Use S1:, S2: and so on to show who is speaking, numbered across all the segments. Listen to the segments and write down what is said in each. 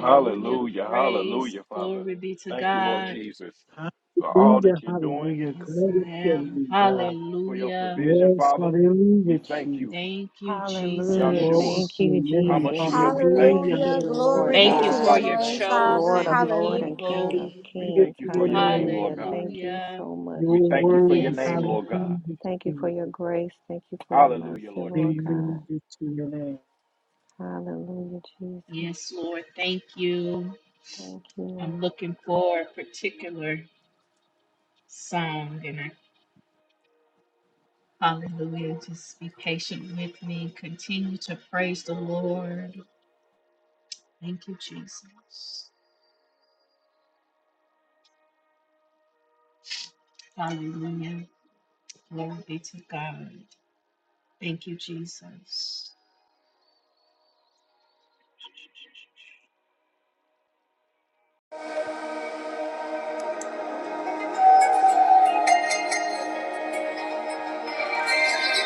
S1: Hallelujah. Hallelujah, Father. Thank you, Lord Jesus, for all
S2: Hallelujah,
S1: that you're doing,
S2: hallelujah. Glory to your name, God.
S1: for your provision,
S2: Yes,
S1: Father. We
S2: hallelujah,
S1: thank
S2: Jesus.
S1: you,
S3: Hallelujah.
S1: Yahshua,
S2: Glory
S3: Thank
S2: to
S3: you,
S2: your name.
S3: Jesus.
S1: Hamashiach.
S2: Hallelujah,
S1: We thank
S3: Thank
S1: you.
S4: Hallelujah.
S3: you,
S1: We
S3: Lord
S4: Glory
S2: hallelujah.
S4: be to
S1: glorify
S4: your
S3: God,
S1: your
S4: name,
S1: name, Lord.
S4: Father.
S3: Lord of Lord
S4: Hallelujah.
S2: Glory
S3: and King of
S1: We
S2: Hallelujah
S1: thank
S3: Kings.
S1: you
S2: to
S1: for
S2: your
S1: your name,
S2: name,
S1: Lord
S3: Hallelujah.
S1: God.
S3: Thank
S2: God.
S3: you so much,
S2: Your
S1: We thank you for
S2: word,
S1: your
S3: Jesus.
S1: name, Lord God.
S2: hallelujah,
S3: Thank you for
S2: Jesus.
S3: your grace. Thank you for your mercy,
S1: Hallelujah, Lord
S3: Lord
S1: Jesus.
S3: God.
S2: Hallelujah to your name.
S3: Hallelujah, Jesus. Thank you, Lord.
S5: Thank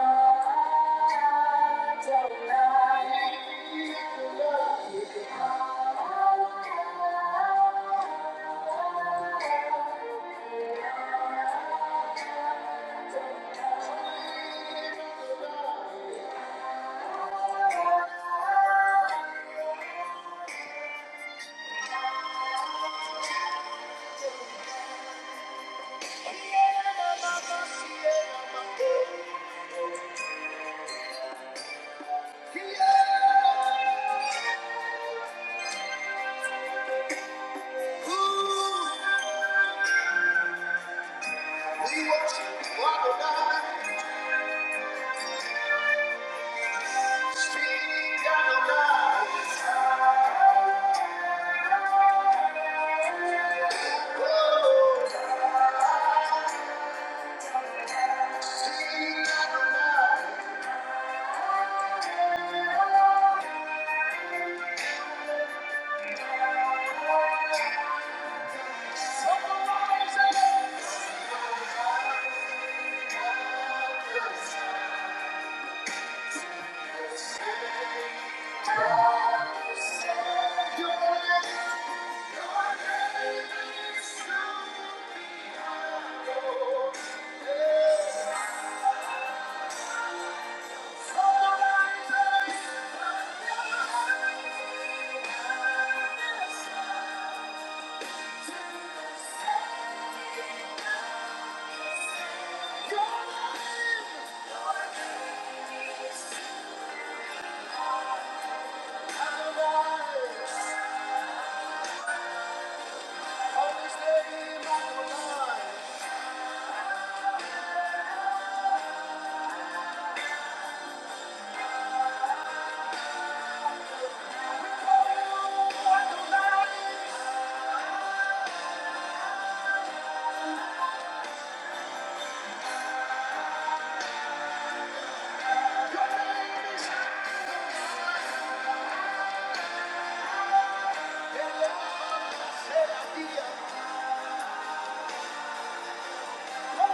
S5: you. Yeah. Thank you. Thank you. Thank you. Yeah. Thank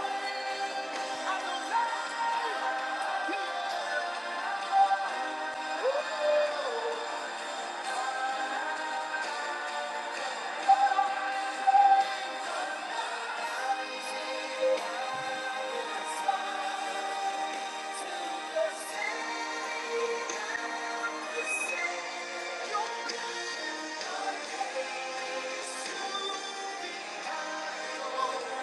S5: you.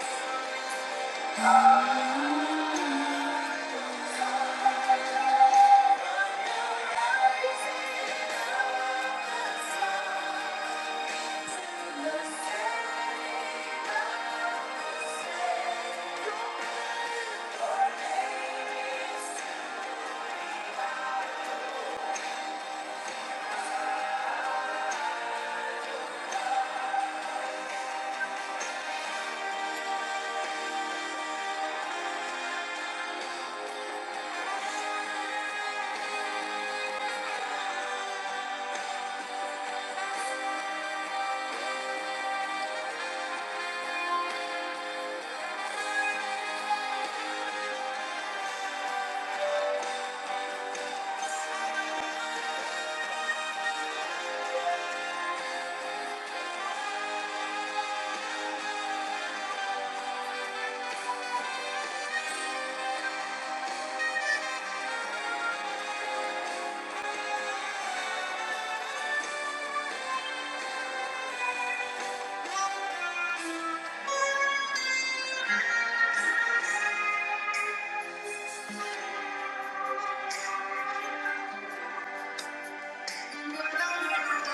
S5: Thank you.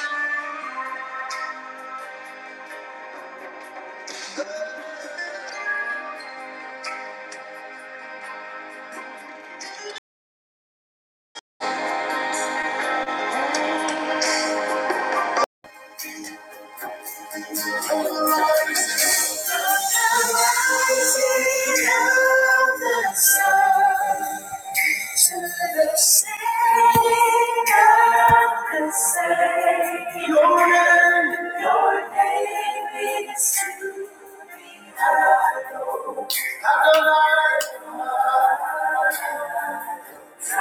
S5: Adonai, Thank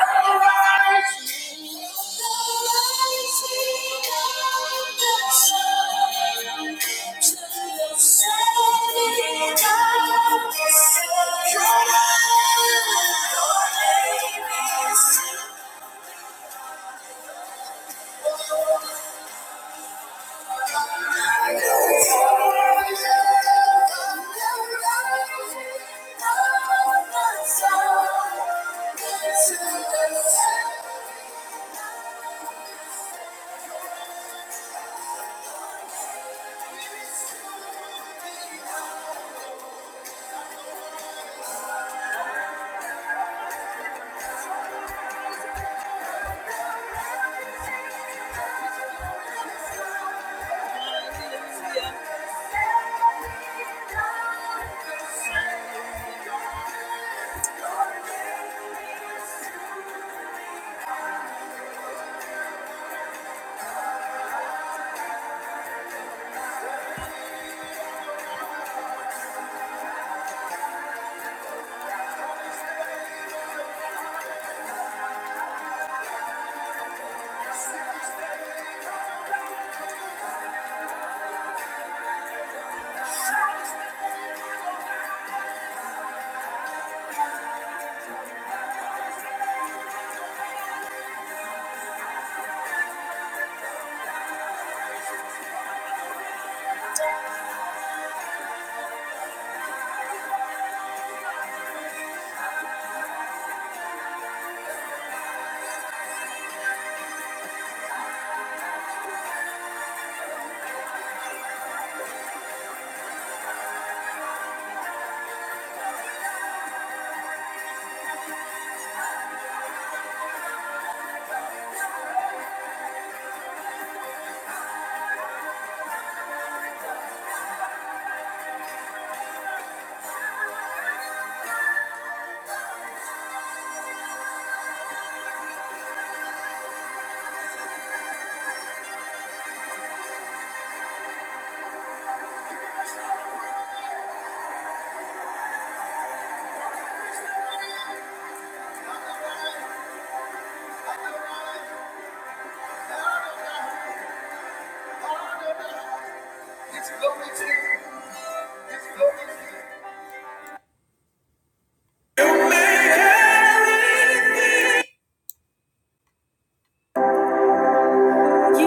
S5: you. You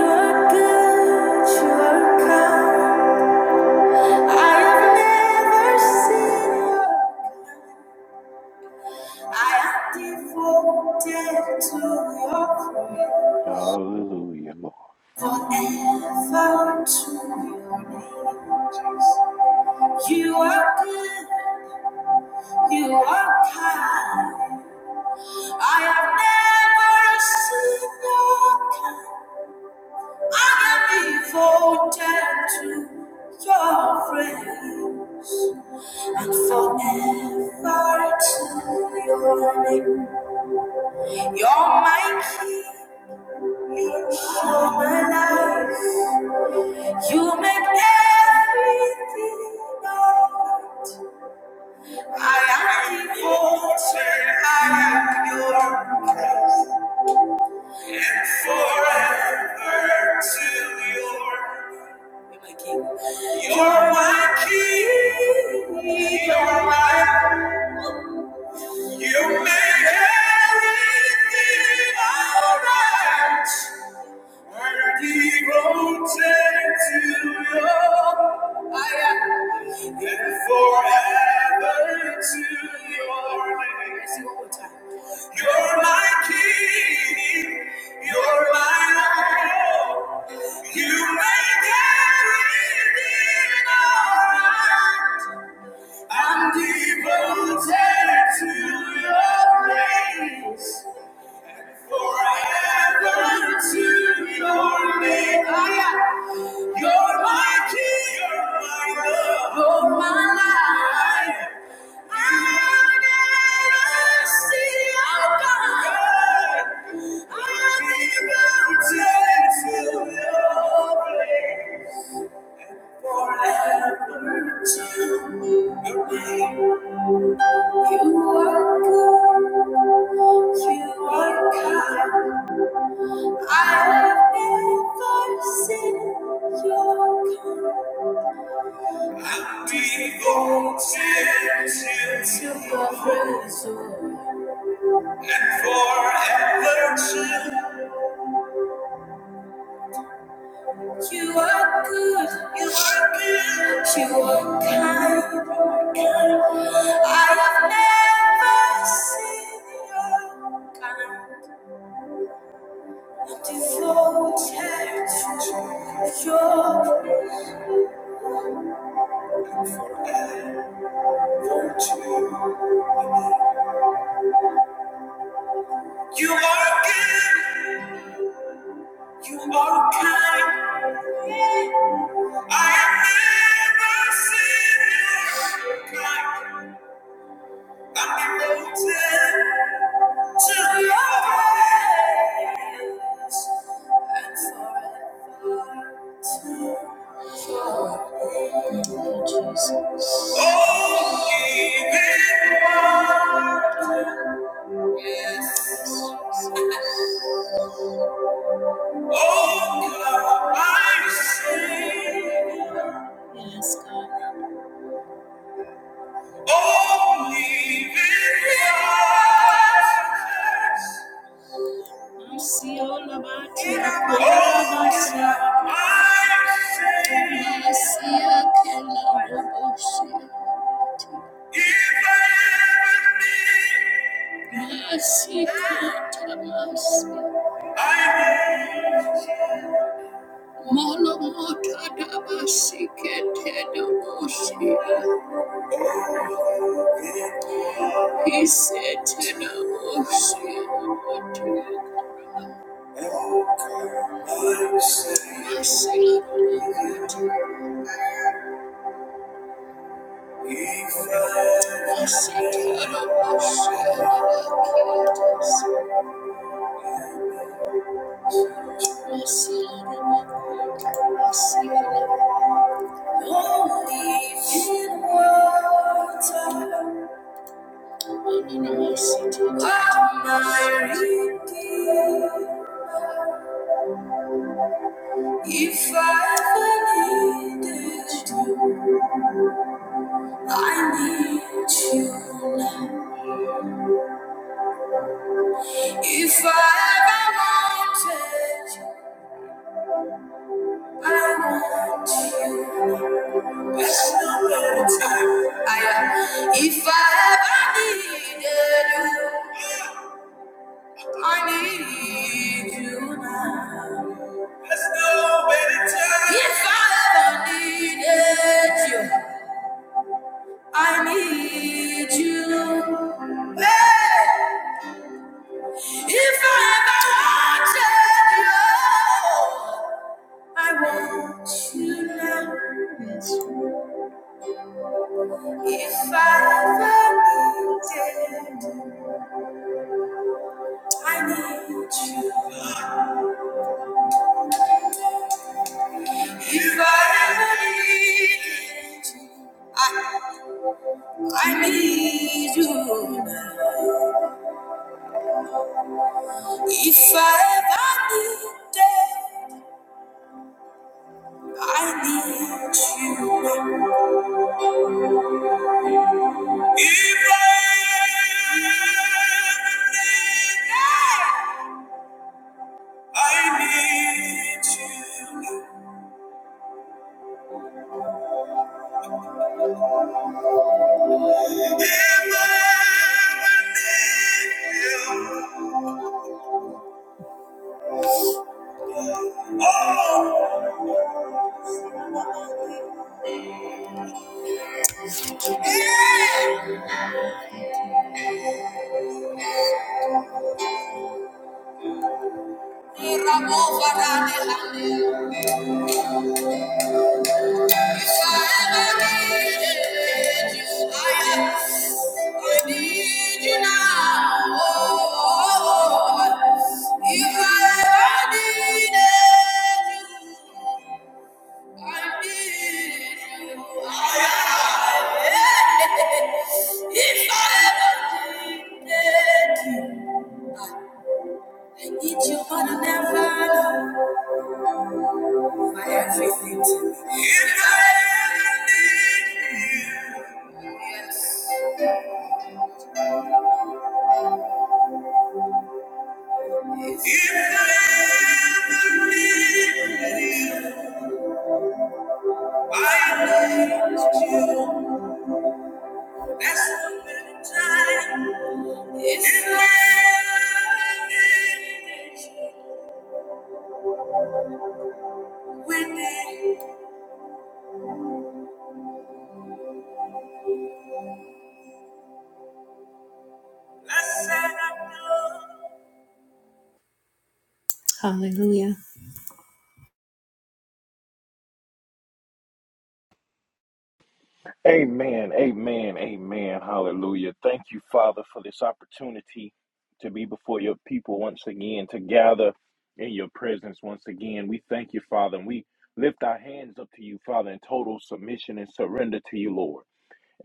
S5: are good, you are kind. I've never seen I am devoted to your prayer.
S1: Hallelujah, Lord.
S5: Forever to your name. You are good. You are kind. I have never seen your kind. I am devoted to your praise and forever to your name. You're my key, you're sure my life. You make everything alright. I am devoted, I am your word to your. You're my key, You're my king, you're my. You make everything alright. You're my king, you're my Lord. You make everything alright. I'm devoted to your grace. Forever to your name I am. You're my king, you're my love, you're my life. i will never see your God. I'm will be mounted to your place. Forever to your name. You are good, you are kind. I've never seen your kind. devoted to your soul and Forever true. You You are good. You are good. You are kind. kind. I have never seen your kind. I'm devoted to your virtue. You are good. You are kind. I have never seen you kind. I'm devoted to your ways and forever to your name. Jesus. Oh, give it Yes. Oh, God, I say. Yes, God. Only I see all about you. I see I see a killer. I see Katamas. Molo Mota Dabasi Ketedosia. He said to no shit. what to do. I said I don't I said I don't I said I don't I said I don't know. in water. Oh, no, no, no. my redeemer. If I ever needed you, I need you. now. If I ever wanted you, I want you. There's no better time. I am. If I ever needed you, I need you now. There's no better time. If I ever needed you, I need you. Hey! If I ever wanted you, I want you now. If I ever needed, I need you. If I ever needed, you, I, I need you now. If I ever needed, I need you now. If I ever needed. I need you. If I need you. Yeah. If I ever need you, I, I need you now. Oh, oh, oh. If I ever needed you. I need you. I, I, if I ever needed you, I need you more than ever. For everything to me. If I ever need you, yes. If I ever needed you, I need you. That's the minute time. If I ever needed you, we need. you.
S1: Amen. Amen. Amen. Hallelujah. Thank you, Father, for this opportunity to be before your people once again, to gather in your presence once again. We thank you, Father, and we lift our hands up to you, Father, in total submission and surrender to you, Lord.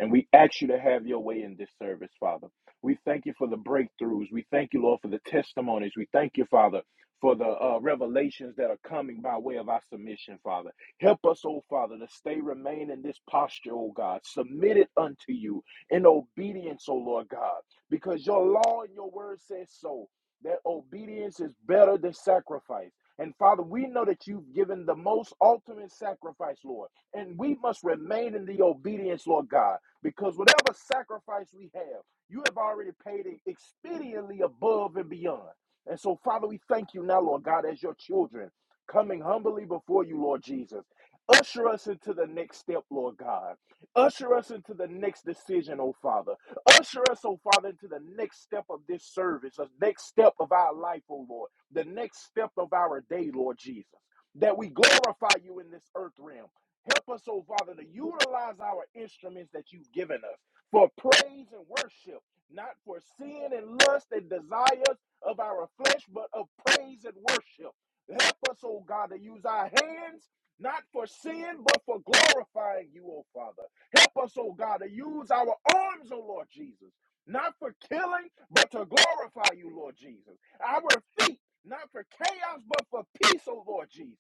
S1: And we ask you to have your way in this service, Father. We thank you for the breakthroughs. We thank you, Lord, for the testimonies. We thank you, Father, for the uh, revelations that are coming by way of our submission, Father. Help us, oh Father, to stay, remain in this posture, oh God, submitted unto you in obedience, oh Lord God, because your law and your word says so. That obedience is better than sacrifice. And Father, we know that you've given the most ultimate sacrifice, Lord. And we must remain in the obedience, Lord God. Because whatever sacrifice we have, you have already paid it expediently above and beyond. And so, Father, we thank you now, Lord God, as your children, coming humbly before you, Lord Jesus. Usher us into the next step, Lord God. Usher us into the next decision, oh Father. Usher us, oh Father, into the next step of this service, the next step of our life, oh Lord, the next step of our day, Lord Jesus. That we glorify you in this earth realm Help us, oh Father, to utilize our instruments that you've given us for praise and worship, not for sin and lust and desires of our flesh, but of praise and worship. Help us, oh God, to use our hands not for sin, but for glorifying you, oh Father. Help us, oh God, to use our arms, oh Lord Jesus, not for killing, but to glorify you, Lord Jesus. Our feet, not for chaos, but for peace, oh Lord Jesus.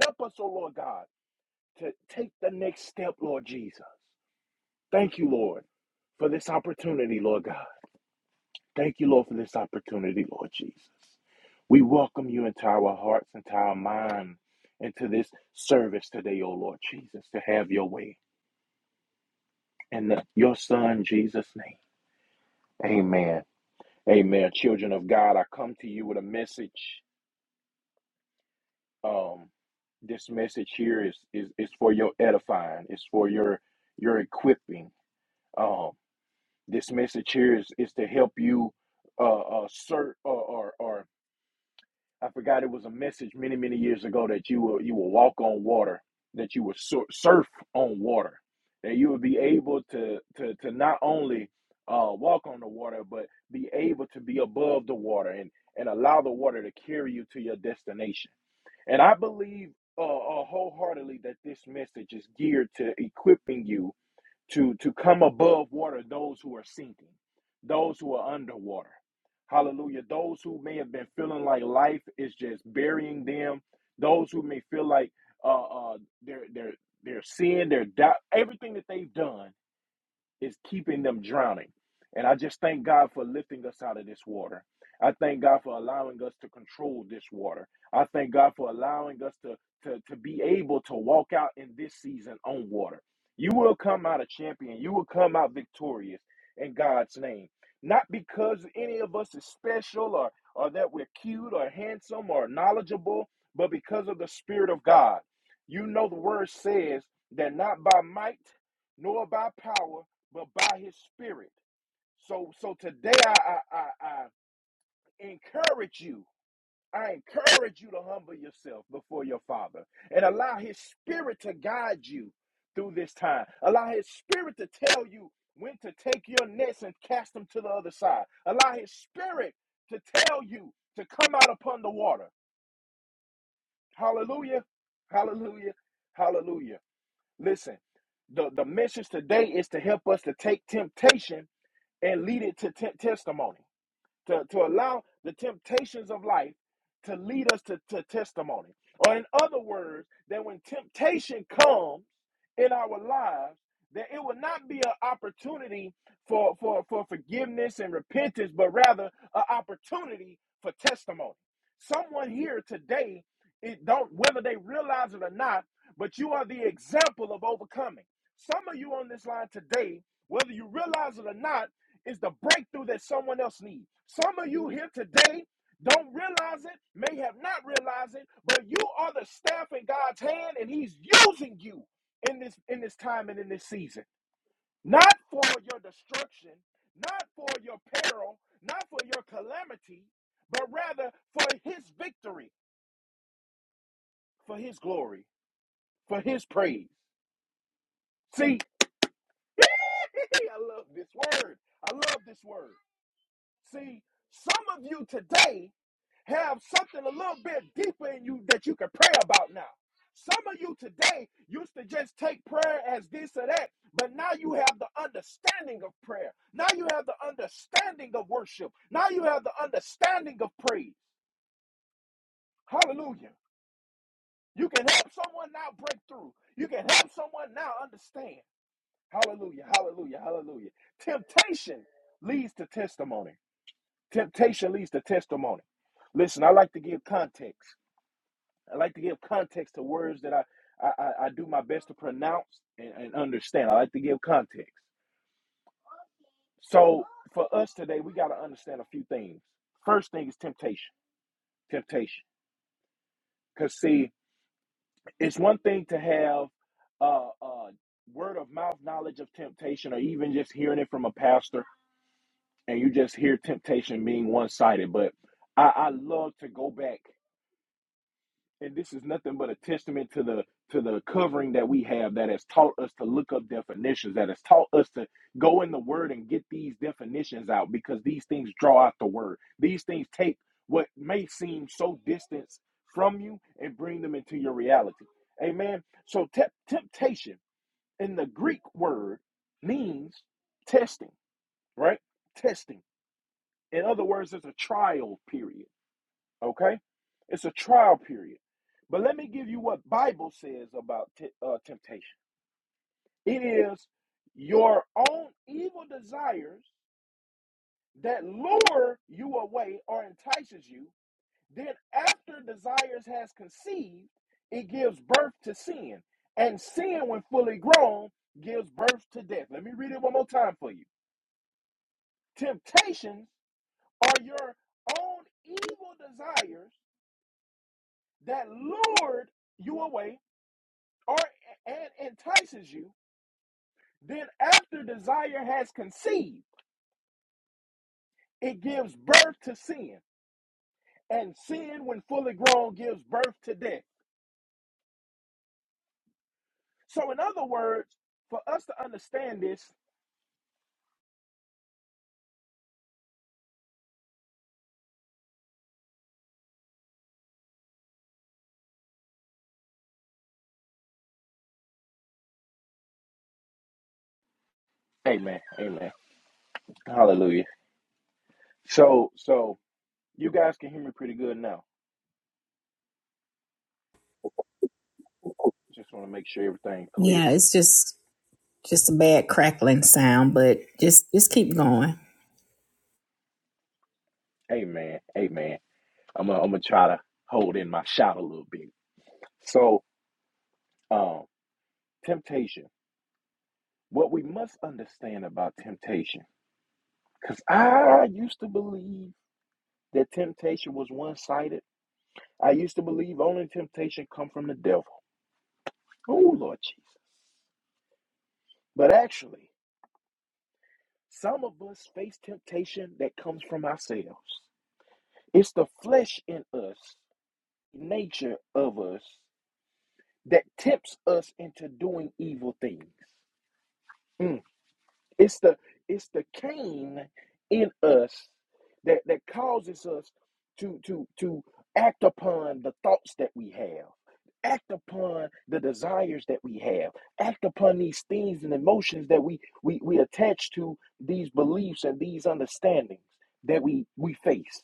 S1: Help us, oh Lord God to take the next step, Lord Jesus. Thank you, Lord, for this opportunity, Lord God. Thank you, Lord, for this opportunity, Lord Jesus. We welcome you into our hearts, into our mind, into this service today, O Lord Jesus, to have your way. In the, your Son, Jesus' name. Amen. Amen. Children of God, I come to you with a message. Um, this message here is, is is for your edifying. It's for your your equipping. Um. This message here is, is to help you uh, uh, search, or, or, or I forgot it was a message many, many years ago that you will you will walk on water, that you will sur- surf on water, that you will be able to to to not only uh, walk on the water, but be able to be above the water and and allow the water to carry you to your destination. And I believe uh, uh, wholeheartedly that this message is geared to equipping you to to come above water those who are sinking those who are underwater hallelujah those who may have been feeling like life is just burying them those who may feel like uh uh their their their sin their doubt everything that they've done is keeping them drowning. And I just thank God for lifting us out of this water. I thank God for allowing us to control this water. I thank God for allowing us to, to, to be able to walk out in this season on water. You will come out a champion. You will come out victorious in God's name. Not because any of us is special or, or that we're cute or handsome or knowledgeable, but because of the Spirit of God. You know, the word says that not by might nor by power but by his spirit. So so today I I, I, I encourage you. I encourage you to humble yourself before your father and allow his spirit to guide you through this time. Allow his spirit to tell you when to take your nets and cast them to the other side. Allow his spirit to tell you to come out upon the water. Hallelujah. Hallelujah. Hallelujah. Listen, the, the message today is to help us to take temptation and lead it to te- testimony, to, to allow the temptations of life to lead us to, to testimony. Or, in other words, that when temptation comes in our lives, that it will not be an opportunity for, for, for forgiveness and repentance, but rather an opportunity for testimony. Someone here today, it don't whether they realize it or not, but you are the example of overcoming. Some of you on this line today, whether you realize it or not, is the breakthrough that someone else needs. Some of you here today don't realize it, may have not realized it, but you are the staff in God's hand and he's using you in this in this time and in this season. Not for your destruction, not for your peril, not for your calamity, but rather for his victory, for his glory, for his praise. See, I love this word. I love this word. See, some of you today have something a little bit deeper in you that you can pray about now. Some of you today used to just take prayer as this or that, but now you have the understanding of prayer. Now you have the understanding of worship. Now you have the understanding of praise. Hallelujah. You can help someone now break through. You can help someone now understand. Hallelujah, hallelujah, hallelujah. Temptation leads to testimony. Temptation leads to testimony. Listen, I like to give context. I like to give context to words that I, I, I I do my best to pronounce and, and understand. I like to give context. So for us today, we got to understand a few things. First thing is temptation. Temptation. Because, see, it's one thing to have uh, uh, word of mouth knowledge of temptation or even just hearing it from a pastor and you just hear temptation being one sided. But I, I love to go back, and this is nothing but a testament to the to the covering that we have that has taught us to look up definitions, that has taught us to go in the word and get these definitions out because these things draw out the word. These things take what may seem so distant from you and bring them into your reality. Amen. So temp- temptation in the Greek word means testing, right? Testing. In other words, it's a trial period. Okay, it's a trial period. But let me give you what Bible says about te- uh, temptation. It is your own evil desires that lure you away or entices you. Then, after desires has conceived, it gives birth to sin, and sin, when fully grown, gives birth to death. Let me read it one more time for you. Temptations are your own evil desires that lured you away or and entices you, then after desire has conceived, it gives birth to sin. And sin, when fully grown, gives birth to death. So, in other words, for us to understand this, Amen. Amen. Hallelujah. So, so you guys can hear me pretty good now. Just want to make sure everything clear.
S5: Yeah, it's just just a bad crackling sound, but just just keep going.
S1: Amen. Amen. I'm gonna I'm gonna try to hold in my shout a little bit. So, um, temptation. What we must understand about temptation, because I used to believe that temptation was one sided. I used to believe only temptation come from the devil. Oh, Lord Jesus. But actually, some of us face temptation that comes from ourselves. It's the flesh in us, nature of us, that tempts us into doing evil things. Mm. It's the it's the Cain in us that that causes us to to to act upon the thoughts that we have, act upon the desires that we have, act upon these things and emotions that we we we attach to these beliefs and these understandings that we we face.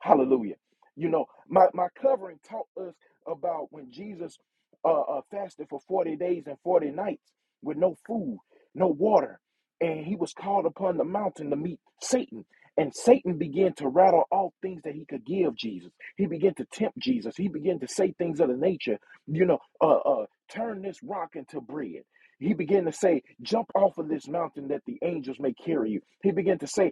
S1: Hallelujah. You know, my my covering taught us about when Jesus uh, uh fasted for 40 days and 40 nights with no food, no water and he was called upon the mountain to meet Satan. And Satan began to rattle off things that he could give Jesus. He began to tempt Jesus. He began to say things of the nature, you know, uh, uh, turn this rock into bread. He began to say, jump off of this mountain that the angels may carry you. He began to say,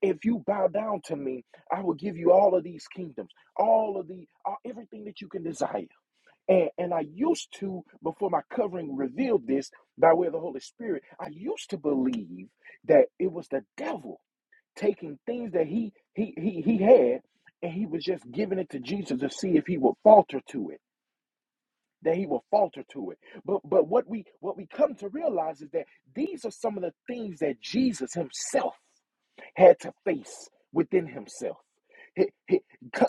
S1: if you bow down to me, I will give you all of these kingdoms, all of the, all, everything that you can desire. And, and I used to, before my covering revealed this by way of the Holy Spirit, I used to believe that it was the devil taking things that he he he he had and he was just giving it to Jesus to see if he would falter to it, that he would falter to it. But but what we what we come to realize is that these are some of the things that Jesus himself had to face within himself. He- he-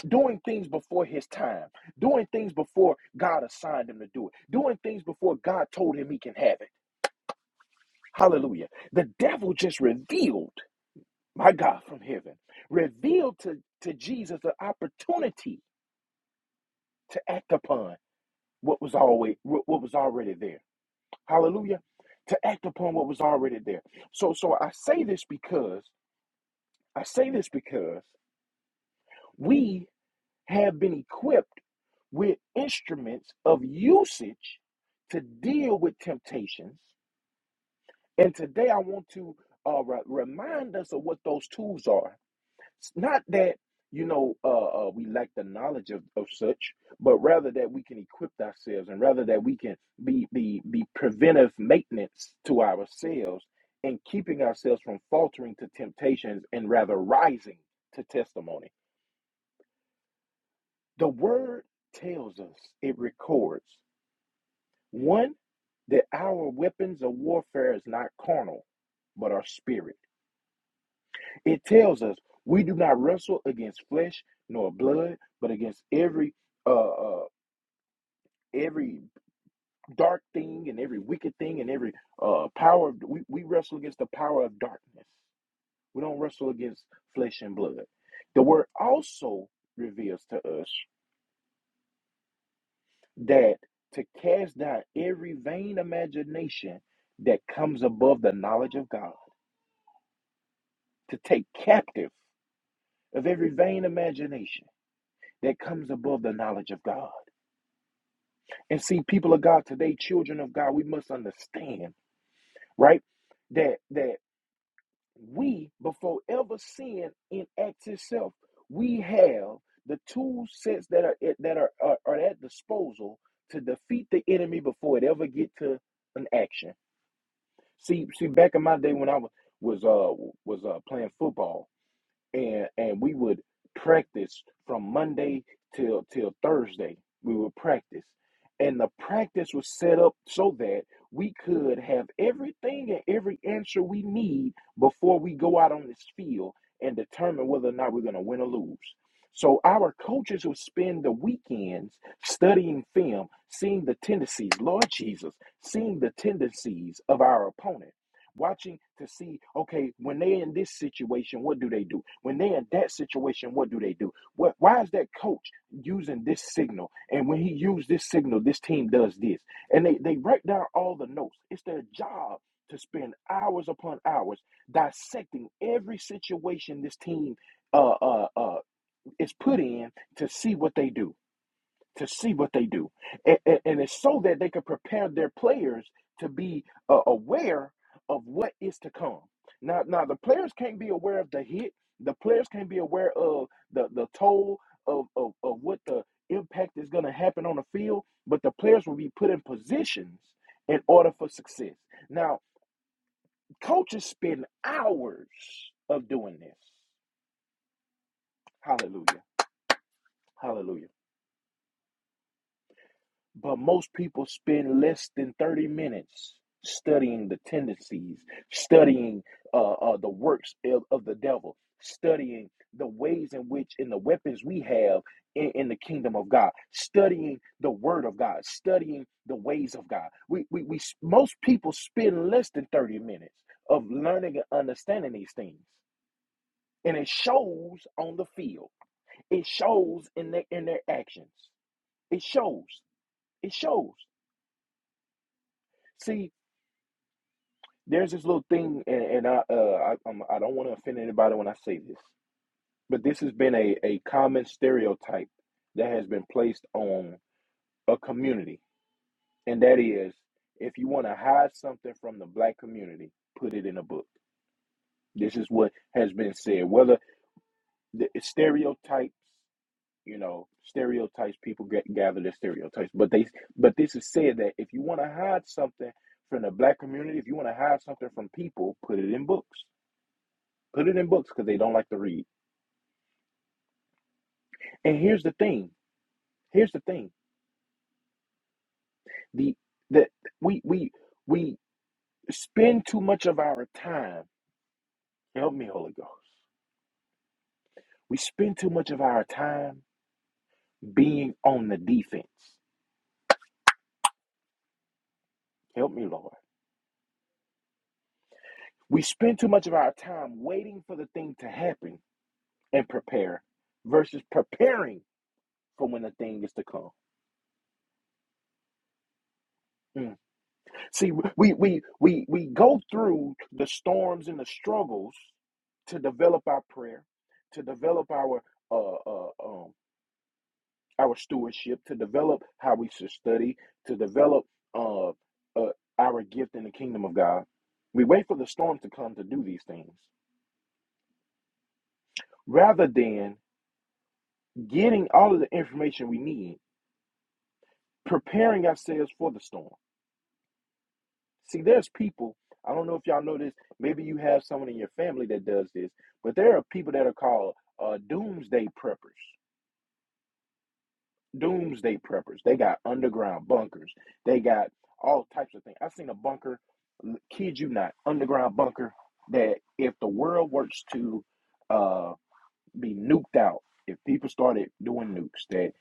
S1: doing things before his time, doing things before God assigned him to do it, doing things before God told him he can have it. Hallelujah. The devil just revealed, my God from heaven, revealed to, to Jesus the opportunity to act upon what was always what was already there. Hallelujah. To act upon what was already there. So so I say this because I say this because we have been equipped with instruments of usage to deal with temptations. And today I want to uh, re- remind us of what those tools are. It's not that, you know, uh, uh, we lack the knowledge of, of such, but rather that we can equip ourselves and rather that we can be, be, be preventive maintenance to ourselves and keeping ourselves from faltering to temptations and rather rising to testimony. The word tells us, it records, one, that our weapons of warfare is not carnal, but our spirit. It tells us we do not wrestle against flesh nor blood, but against every uh, uh every dark thing and every wicked thing and every uh power we, we wrestle against the power of darkness. We don't wrestle against flesh and blood. The word also reveals to us that to cast down every vain imagination that comes above the knowledge of God, to take captive of every vain imagination that comes above the knowledge of God. And see, people of God today, children of God, we must understand, right? That that we, before ever sin enacts itself, we have the two sets that are that are, are, are at disposal to defeat the enemy before it ever get to an action See, see, back in my day when I was was uh was uh playing football, and and we would practice from Monday till till Thursday. We would practice, and the practice was set up so that we could have everything and every answer we need before we go out on this field and determine whether or not we're going to win or lose. So our coaches would spend the weekends studying film, seeing the tendencies, Lord Jesus, seeing the tendencies of our opponent watching to see okay when they are in this situation what do they do when they are in that situation what do they do what why is that coach using this signal and when he used this signal this team does this and they they write down all the notes it's their job to spend hours upon hours dissecting every situation this team uh uh uh is put in to see what they do to see what they do. And, and, and it's so that they can prepare their players to be uh, aware of what is to come. Now, now the players can't be aware of the hit. The players can't be aware of the, the toll of, of, of what the impact is going to happen on the field, but the players will be put in positions in order for success. Now, coaches spend hours of doing this. Hallelujah. Hallelujah. But most people spend less than 30 minutes studying the tendencies, studying uh, uh, the works of, of the devil, studying the ways in which and the weapons we have in, in the kingdom of God, studying the word of God, studying the ways of God. We, we, we most people spend less than 30 minutes of learning and understanding these things. And it shows on the field. It shows in their in their actions. It shows. It shows. See, there's this little thing, and, and I, uh, I, um, I don't want to offend anybody when I say this, but this has been a, a common stereotype that has been placed on a community, and that is if you want to hide something from the black community, put it in a book. This is what has been said. Whether the stereotypes, you know, stereotypes, people get, gather their stereotypes, but they, but this is said that if you want to hide something from the black community, if you want to hide something from people, put it in books Put it in books because they don't like to read. And here's the thing. Here's the thing. The that we we we spend too much of our time. Help me, Holy Ghost. We spend too much of our time being on the defense. Help me, Lord. We spend too much of our time waiting for the thing to happen and prepare versus preparing for when the thing is to come. Mm. See, we we we we go through the storms and the struggles to develop our prayer, to develop our uh, uh um our stewardship, to develop how we should study, to develop uh, uh our gift in the kingdom of God. We wait for the storm to come to do these things rather than getting all of the information we need, preparing ourselves for the storm. See, there's people. I don't know if y'all know this. Maybe you have someone in your family that does this, but there are people that are called uh, doomsday preppers. Doomsday preppers. They got underground bunkers. They got all types of things. I've seen a bunker. Kid you not, underground bunker. That if the world works to uh, be nuked out, if people started doing nukes, that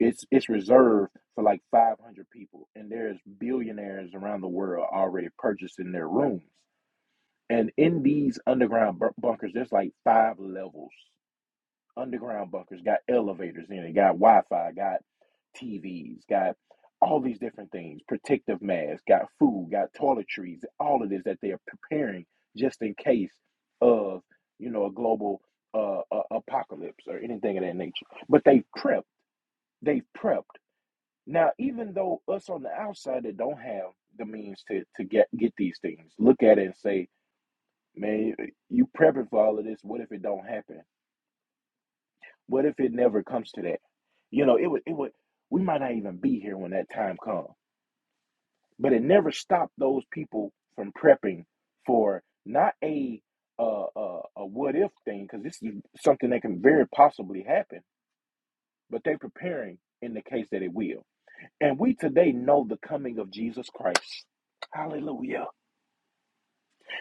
S1: it's it's reserved for like 500 people, and there's billionaires around the world already purchasing their rooms And in these underground bur- bunkers, there's like five levels. Underground bunkers got elevators in it, got Wi Fi, got TVs, got all these different things, protective masks, got food, got toiletries, all of this that they're preparing just in case of, you know, a global uh, uh, apocalypse or anything of that nature. But they prepped, they prepped. Now, even though us on the outside that don't have the means to, to get, get these things, look at it and say, man, you prepping for all of this. What if it don't happen? What if it never comes to that? You know, it would, it would, we might not even be here when that time comes. But it never stopped those people from prepping for not a uh, uh, a what if thing, because this is something that can very possibly happen. But they are preparing in the case that it will. And we today know the coming of Jesus Christ. Hallelujah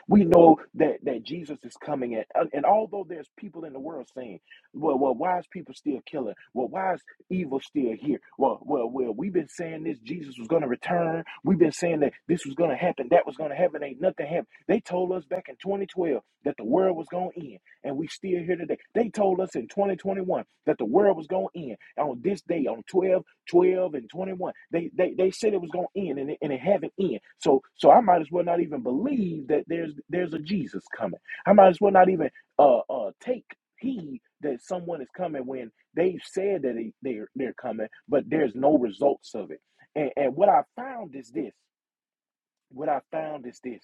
S1: We know that, that Jesus is coming. And, and and although there's people in the world saying, well, well, why is people still killing? Well, why is evil still here? Well, well, well, we've been saying this Jesus was going to return. We've been saying that this was going to happen, that was going to happen. Ain't nothing happened. They told us back in 2012 that the world was going to end, and we still here today. They told us in 2021 that the world was going to end on this day, on 12 12 and 21 they they, they said it was going to end and it, and it haven't end so so i might as well not even believe that there's there's a jesus coming i might as well not even uh uh take heed that someone is coming when they've said that they, they're they're coming but there's no results of it and and what i found is this what i found is this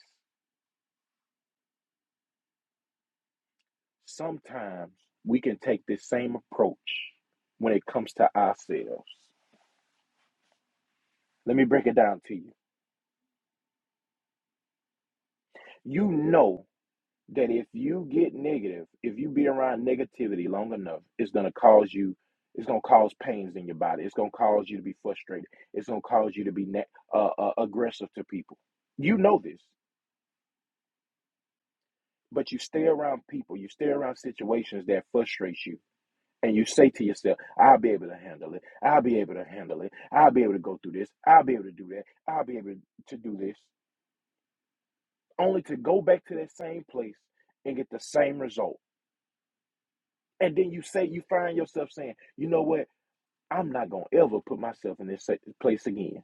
S1: sometimes we can take this same approach when it comes to ourselves let me break it down to you you know that if you get negative, if you be around negativity long enough, it's gonna cause you, it's gonna cause pains in your body. It's gonna cause you to be frustrated. It's gonna cause you to be ne- uh, uh, aggressive to people. You know this, but you stay around people. You stay around situations that frustrate you, and you say to yourself, "I'll be able to handle it. I'll be able to handle it. I'll be able to go through this. I'll be able to do that. I'll be able to do this." Only to go back to that same place and get the same result And then you say you find yourself saying, you know what? I'm not gonna ever put myself in this place again.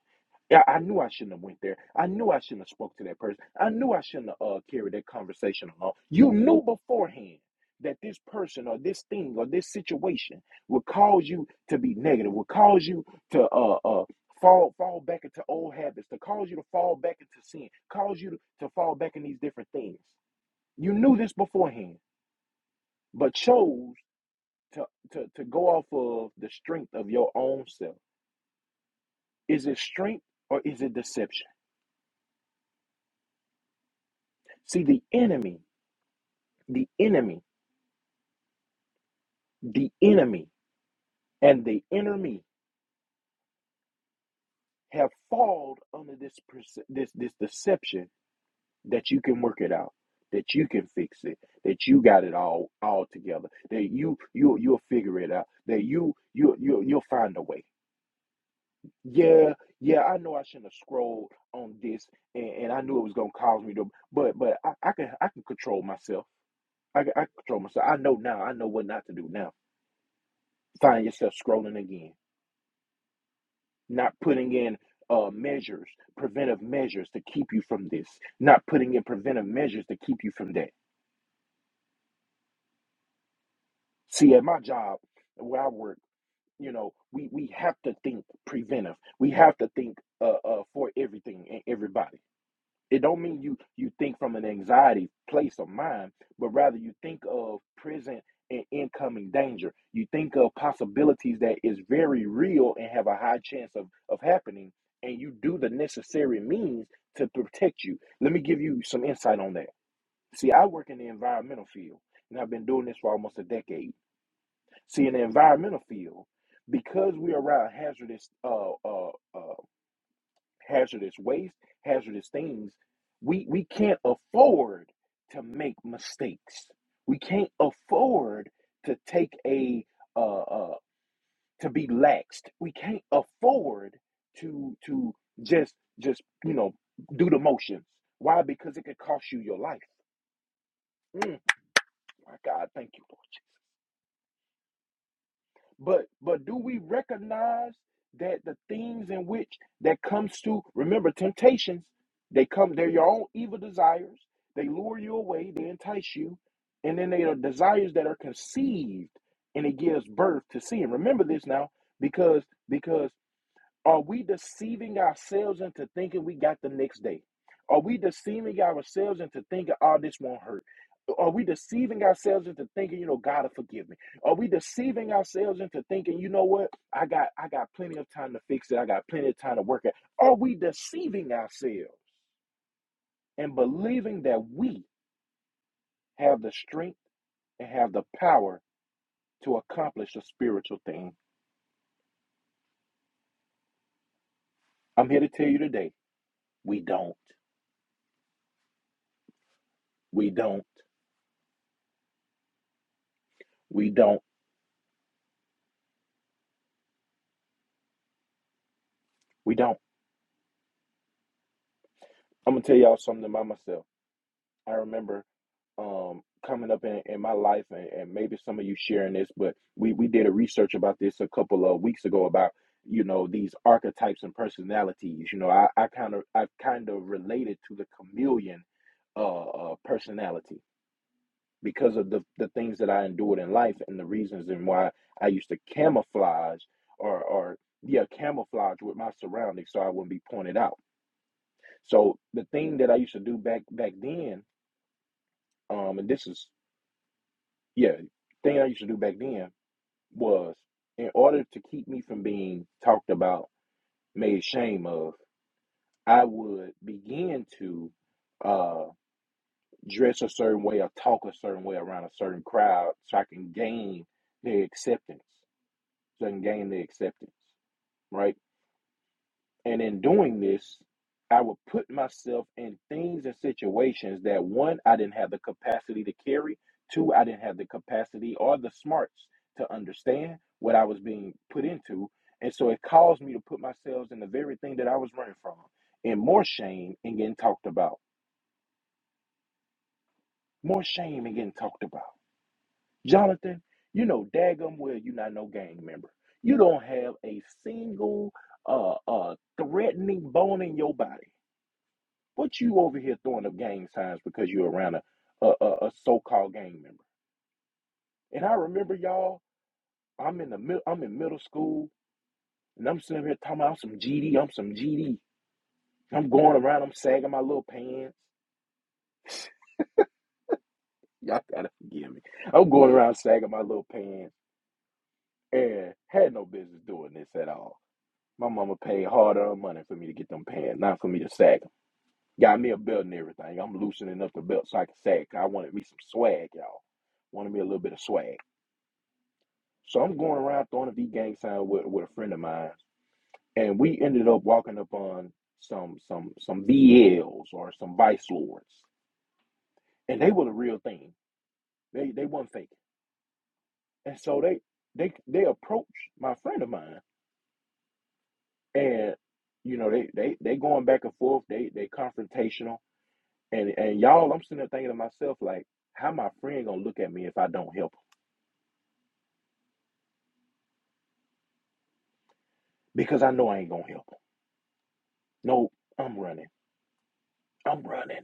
S1: Yeah, I knew I shouldn't have went there. I knew I shouldn't have spoke to that person. I knew I shouldn't have uh, carried that conversation along. You knew beforehand that this person or this thing or this situation would cause you to be negative, would cause you to uh, uh, fall fall back into old habits, to cause you to fall back into sin, cause you to, to fall back in these different things. You knew this beforehand, but chose to, to, to go off of the strength of your own self. Is it strength or is it deception? See, the enemy, the enemy, the enemy, and the enemy have fallen under this perce- this this deception that you can work it out, that you can fix it, that you got it all all together, that you you you'll figure it out, that you you you you'll you'll find a way. Yeah, yeah, I know I shouldn't have scrolled on this, and, and I knew it was gonna cause me to, but but I, I can I can control myself. I can, I can control myself. I know now. I know what not to do now. Find yourself scrolling again, not putting in uh measures, preventive measures to keep you from this, not putting in preventive measures to keep you from that. See, at my job where I work, you know, we we have to think preventive. We have to think uh, uh for everything and everybody It don't mean you you think from an anxiety place of mind, but rather you think of present and incoming danger. You think of possibilities that is very real and have a high chance of of happening, and you do the necessary means to protect you. Let me give you some insight on that. See, I work in the environmental field, and I've been doing this for almost a decade. See, in the environmental field, because we are around hazardous uh, uh, uh, hazardous waste, hazardous things. We we can't afford to make mistakes. We can't afford to take a uh, uh to be laxed. We can't afford to to just just you know do the motions. Why? Because it could cost you your life. Mm, my God, thank you. Lord. But but do we recognize that the things in which that comes to remember temptations, they come, they're your own evil desires. They lure you away, they entice you, and then they are desires that are conceived and it gives birth to sin. Remember this now, because because are we deceiving ourselves into thinking we got the next day? Are we deceiving ourselves into thinking, oh, this won't hurt? Are we deceiving ourselves into thinking, you know, God will forgive me? Are we deceiving ourselves into thinking, you know what, I got I got plenty of time to fix it, I got plenty of time to work it. Are we deceiving ourselves and believing that we have the strength and have the power to accomplish a spiritual thing? I'm here to tell you today, we don't. We don't. We don't. We don't. I'm gonna tell y'all something about myself. I remember um coming up in, in my life and, and maybe some of you sharing this but we we did a research about this a couple of weeks ago about you know these archetypes and personalities you know i i kind of i kind of related to the chameleon uh, uh personality because of the the things that i endured in life and the reasons and why i used to camouflage or or yeah camouflage with my surroundings so i wouldn't be pointed out so the thing that i used to do back back then um and this is yeah, thing I used to do back then was in order to keep me from being talked about, made shame of, I would begin to uh dress a certain way or talk a certain way around a certain crowd so I can gain their acceptance. So I can gain their acceptance, right? And in doing this, I would put myself in things and situations that one, I didn't have the capacity to carry, two, I didn't have the capacity or the smarts to understand what I was being put into. And so it caused me to put myself in the very thing that I was running from. And more shame and getting talked about. More shame and getting talked about. Jonathan, you know daggum well you're not no gang member. You don't have a single uh uh threatening bone in your body What you over here throwing up gang signs because you're around a a, a, a so-called gang member? And I remember y'all, I'm in the middle, I'm in middle school, and I'm sitting here talking about I'm some GD, I'm some GD. I'm going around, I'm sagging my little pants. Y'all gotta forgive me. I'm going around sagging my little pants and had no business doing this at all. My mama paid hard-earned money for me to get them pants, not for me to sag them. Got me a belt and everything. I'm loosening up the belt so I can sag. I wanted me some swag, y'all. Wanted me a little bit of swag. So I'm going around throwing a V gang sign with, with a friend of mine, and we ended up walking up on some some some V Ls or some vice lords, and they were the real thing. They they weren't fake, and so they they they approached my friend of mine, and you know they they they going back and forth. They they confrontational, and and y'all, I'm sitting there thinking to myself like, how my friend gonna look at me if I don't help him? Because I know I ain't gonna help him. No, I'm running. I'm running.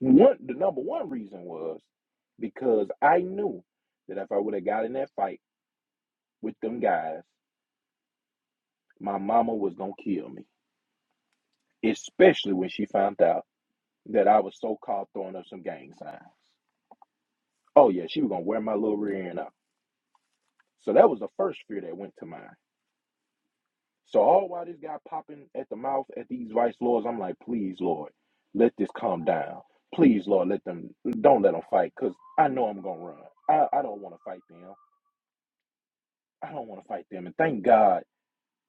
S1: One, the number one reason was because I knew that if I would have got in that fight with them guys, my mama was gonna kill me. Especially when she found out that I was so called throwing up some gang signs. Oh yeah, she was gonna wear my little rear end up. So that was the first fear that went to mind. So all while this guy popping at the mouth at these vice lords, I'm like, please Lord, let this calm down. Please Lord, let them don't let them fight, cause I know I'm gonna run. I, I don't want to fight them. I don't want to fight them. And thank God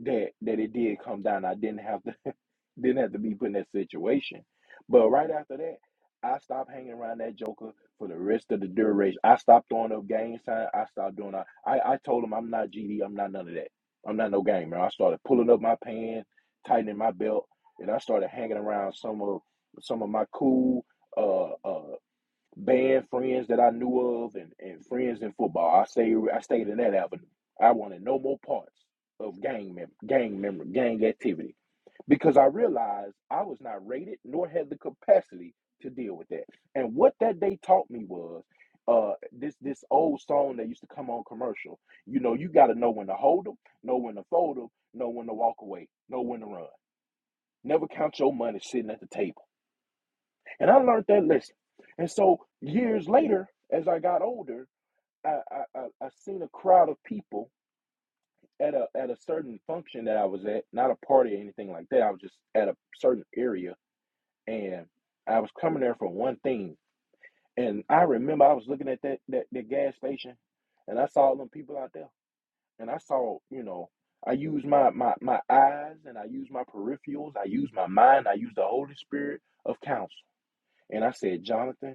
S1: that that it did come down. I didn't have to didn't have to be put in that situation. But right after that, I stopped hanging around that Joker for the rest of the duration. I stopped throwing up game sign. I stopped doing. I I, I told him I'm not GD. I'm not none of that. I'm not no gamer. I started pulling up my pants, tightening my belt, and I started hanging around some of some of my cool. Uh, uh, band friends that I knew of and, and friends in football. I stay I stayed in that avenue. I wanted no more parts of gang mem- gang member gang activity because I realized I was not rated nor had the capacity to deal with that. And what that day taught me was uh this this old song that used to come on commercial. You know, you got to know when to hold them, know when to fold them, know when to walk away, know when to run. Never count your money sitting at the table and I learned that lesson. And so years later, as I got older, I, I, I, I seen a crowd of people at a at a certain function that I was at, not a party or anything like that. I was just at a certain area and I was coming there for one thing. And I remember I was looking at that that, that gas station and I saw all them people out there. And I saw, you know, I used my, my my eyes and I used my peripherals, I used my mind, I used the Holy Spirit of counsel. And I said, Jonathan,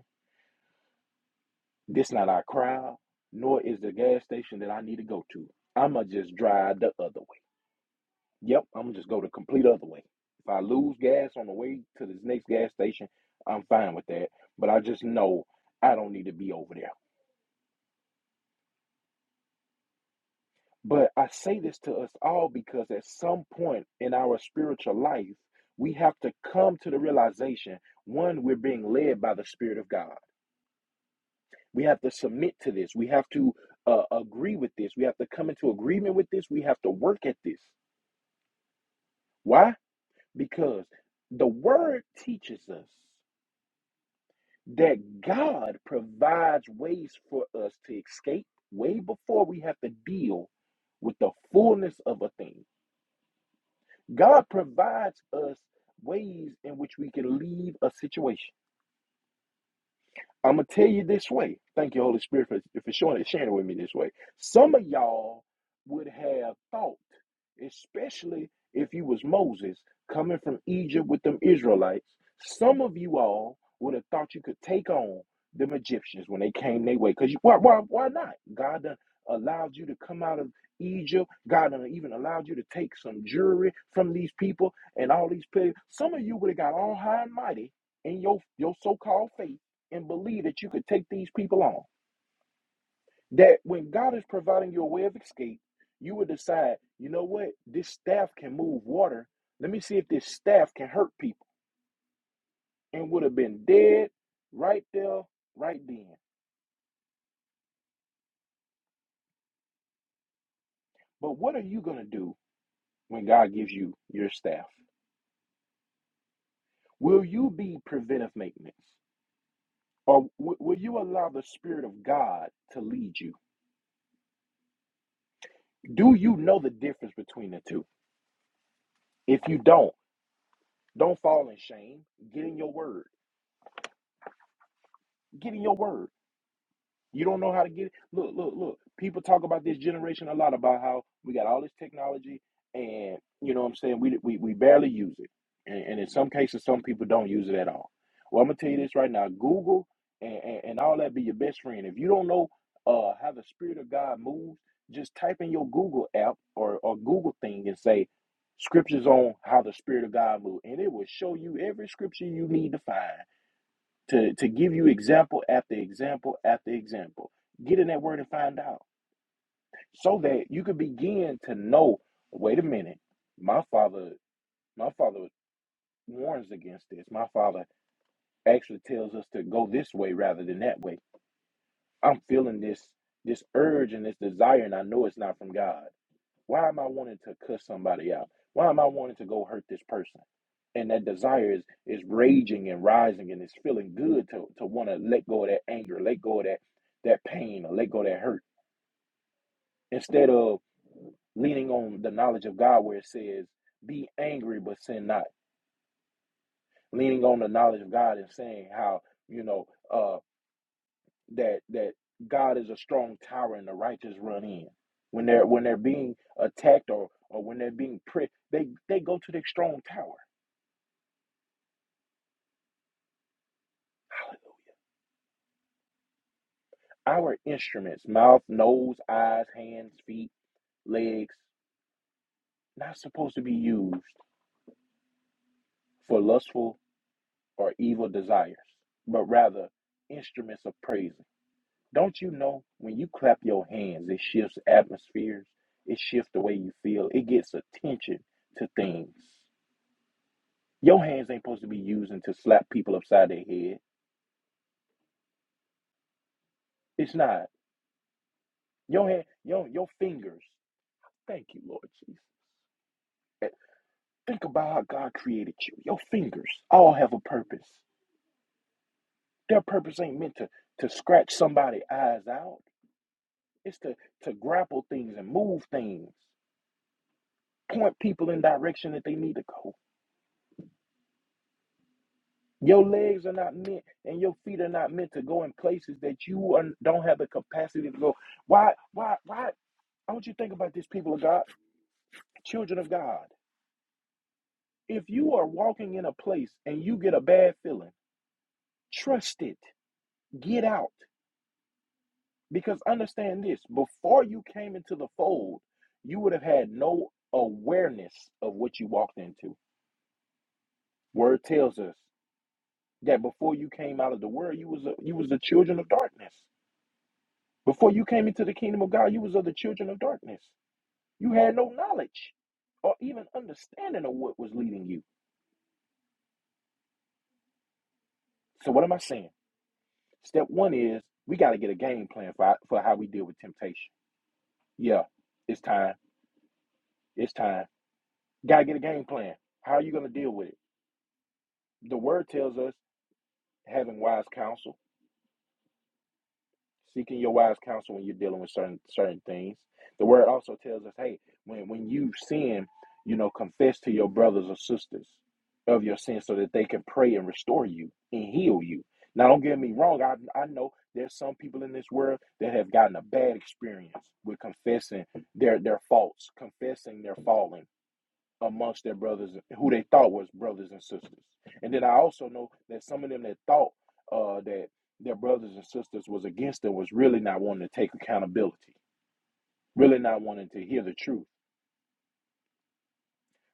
S1: This not our crowd, nor is the gas station that I need to go to. I'ma just drive the other way. Yep, I'ma just go the complete other way. If I lose gas on the way to this next gas station, I'm fine with that. But I just know I don't need to be over there. But I say this to us all because at some point in our spiritual life, we have to come to the realization one, we're being led by the Spirit of God. We have to submit to this. We have to uh, agree with this. We have to come into agreement with this. We have to work at this. Why? Because the word teaches us that God provides ways for us to escape way before we have to deal with the fullness of a thing. God provides us ways in which we can leave a situation. I'm gonna tell you this way. Thank you, Holy Spirit, for, for showing it, sharing it with me this way. Some of y'all would have thought, especially if you was Moses coming from Egypt with them Israelites. Some of you all would have thought you could take on them Egyptians when they came their way. Cause you, why, why, why not? God done allowed you to come out of Egypt. God done even allowed you to take some jewelry from these people and all these people. Some of you would have got all high and mighty in your your so-called faith and believe that you could take these people on. That when God is providing you a way of escape, you would decide, you know what, this staff can move water. Let me see if this staff can hurt people and would have been dead right there, right then. But what are you going to do when God gives you your staff? Will you be preventive maintenance? Or w- will you allow the Spirit of God to lead you? Do you know the difference between the two? If you don't, don't fall in shame. Get in your word. Get in your word You don't know how to get it. Look, look, look. People talk about this generation a lot about how we got all this technology and you know what I'm saying, we we, we barely use it. And, and in some cases some people don't use it at all. Well, I'm gonna tell you this right now. Google and, and, and all that be your best friend. If you don't know uh how the spirit of God moves, just type in your Google app or, or Google thing and say scriptures on how the spirit of God moves, and it will show you every scripture you need to find to, to give you example after example after example. Get in that word and find out so that you could begin to know wait a minute, my father, my father warns against this. My father actually tells us to go this way rather than that way. I'm feeling this this urge and this desire and I know it's not from God. Why am I wanting to cuss somebody out? Why am I wanting to go hurt this person? And that desire is is raging and rising and it's feeling good to to want to let go of that anger, let go of that that pain, or let go of that hurt. Instead of leaning on the knowledge of God where it says, be angry but sin not. Leaning on the knowledge of God and saying how, you know, uh. that that God is a strong tower and the righteous run in. When they're when they're being attacked or or when they're being pricked, they they go to their strong tower. Hallelujah. Our instruments, mouth, nose, eyes, hands, feet, legs, not supposed to be used for lustful or evil desires, but rather instruments of praising. Don't you know when you clap your hands, it shifts atmospheres, it shifts the way you feel, it gets attention to things. Your hands ain't supposed to be using to slap people upside their head. It's not. Your hand, your your fingers. Thank you, Lord Jesus. Eh, Think about how God created you. Your fingers all have a purpose. Their purpose ain't meant to to scratch somebody's eyes out. It's to to grapple things and move things, point people in direction that they need to go. Your legs are not meant, and your feet are not meant to go in places that you are, don't have the capacity to go. Why? Why? Why? I want you to think about this, people of God. children of God, if you are walking in a place and you get a bad feeling, trust it. Get out. Because understand this before you came into the fold, you would have had no awareness of what you walked into. Word tells us that before you came out of the world, you was a, you was the children of darkness. Before you came into the kingdom of God, you was of the children of darkness. You had no knowledge or even understanding of what was leading you. So what am I saying? Step one is we got to get a game plan for for how we deal with temptation. Yeah, it's time. It's time. Got to get a game plan. How are you going to deal with it? The word tells us having wise counsel. seeking your wise counsel when you're dealing with certain certain things. The word also tells us, hey, when when you sin, you know, confess to your brothers or sisters of your sin so that they can pray and restore you and heal you. Now, don't get me wrong. I I know there's some people in this world that have gotten a bad experience with confessing their their faults, confessing their falling amongst their brothers who they thought was brothers and sisters. And then I also know that some of them that thought uh, that their brothers and sisters was against them was really not wanting to take accountability, really not wanting to hear the truth.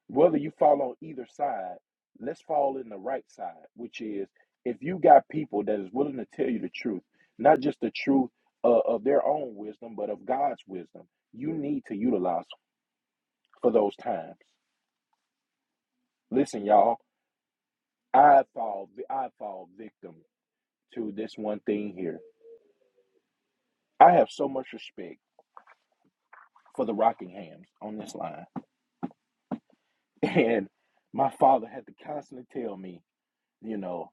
S1: Whether you fall on either side, let's fall in the right side, which is if you got people that is willing to tell you the truth, not just the truth uh, of their own wisdom, but of God's wisdom, you need to utilize for those times. Listen, y'all, I fall, I fall victim to this one thing here. I have so much respect for the Rockinghams on this line. And my father had to constantly tell me, you know,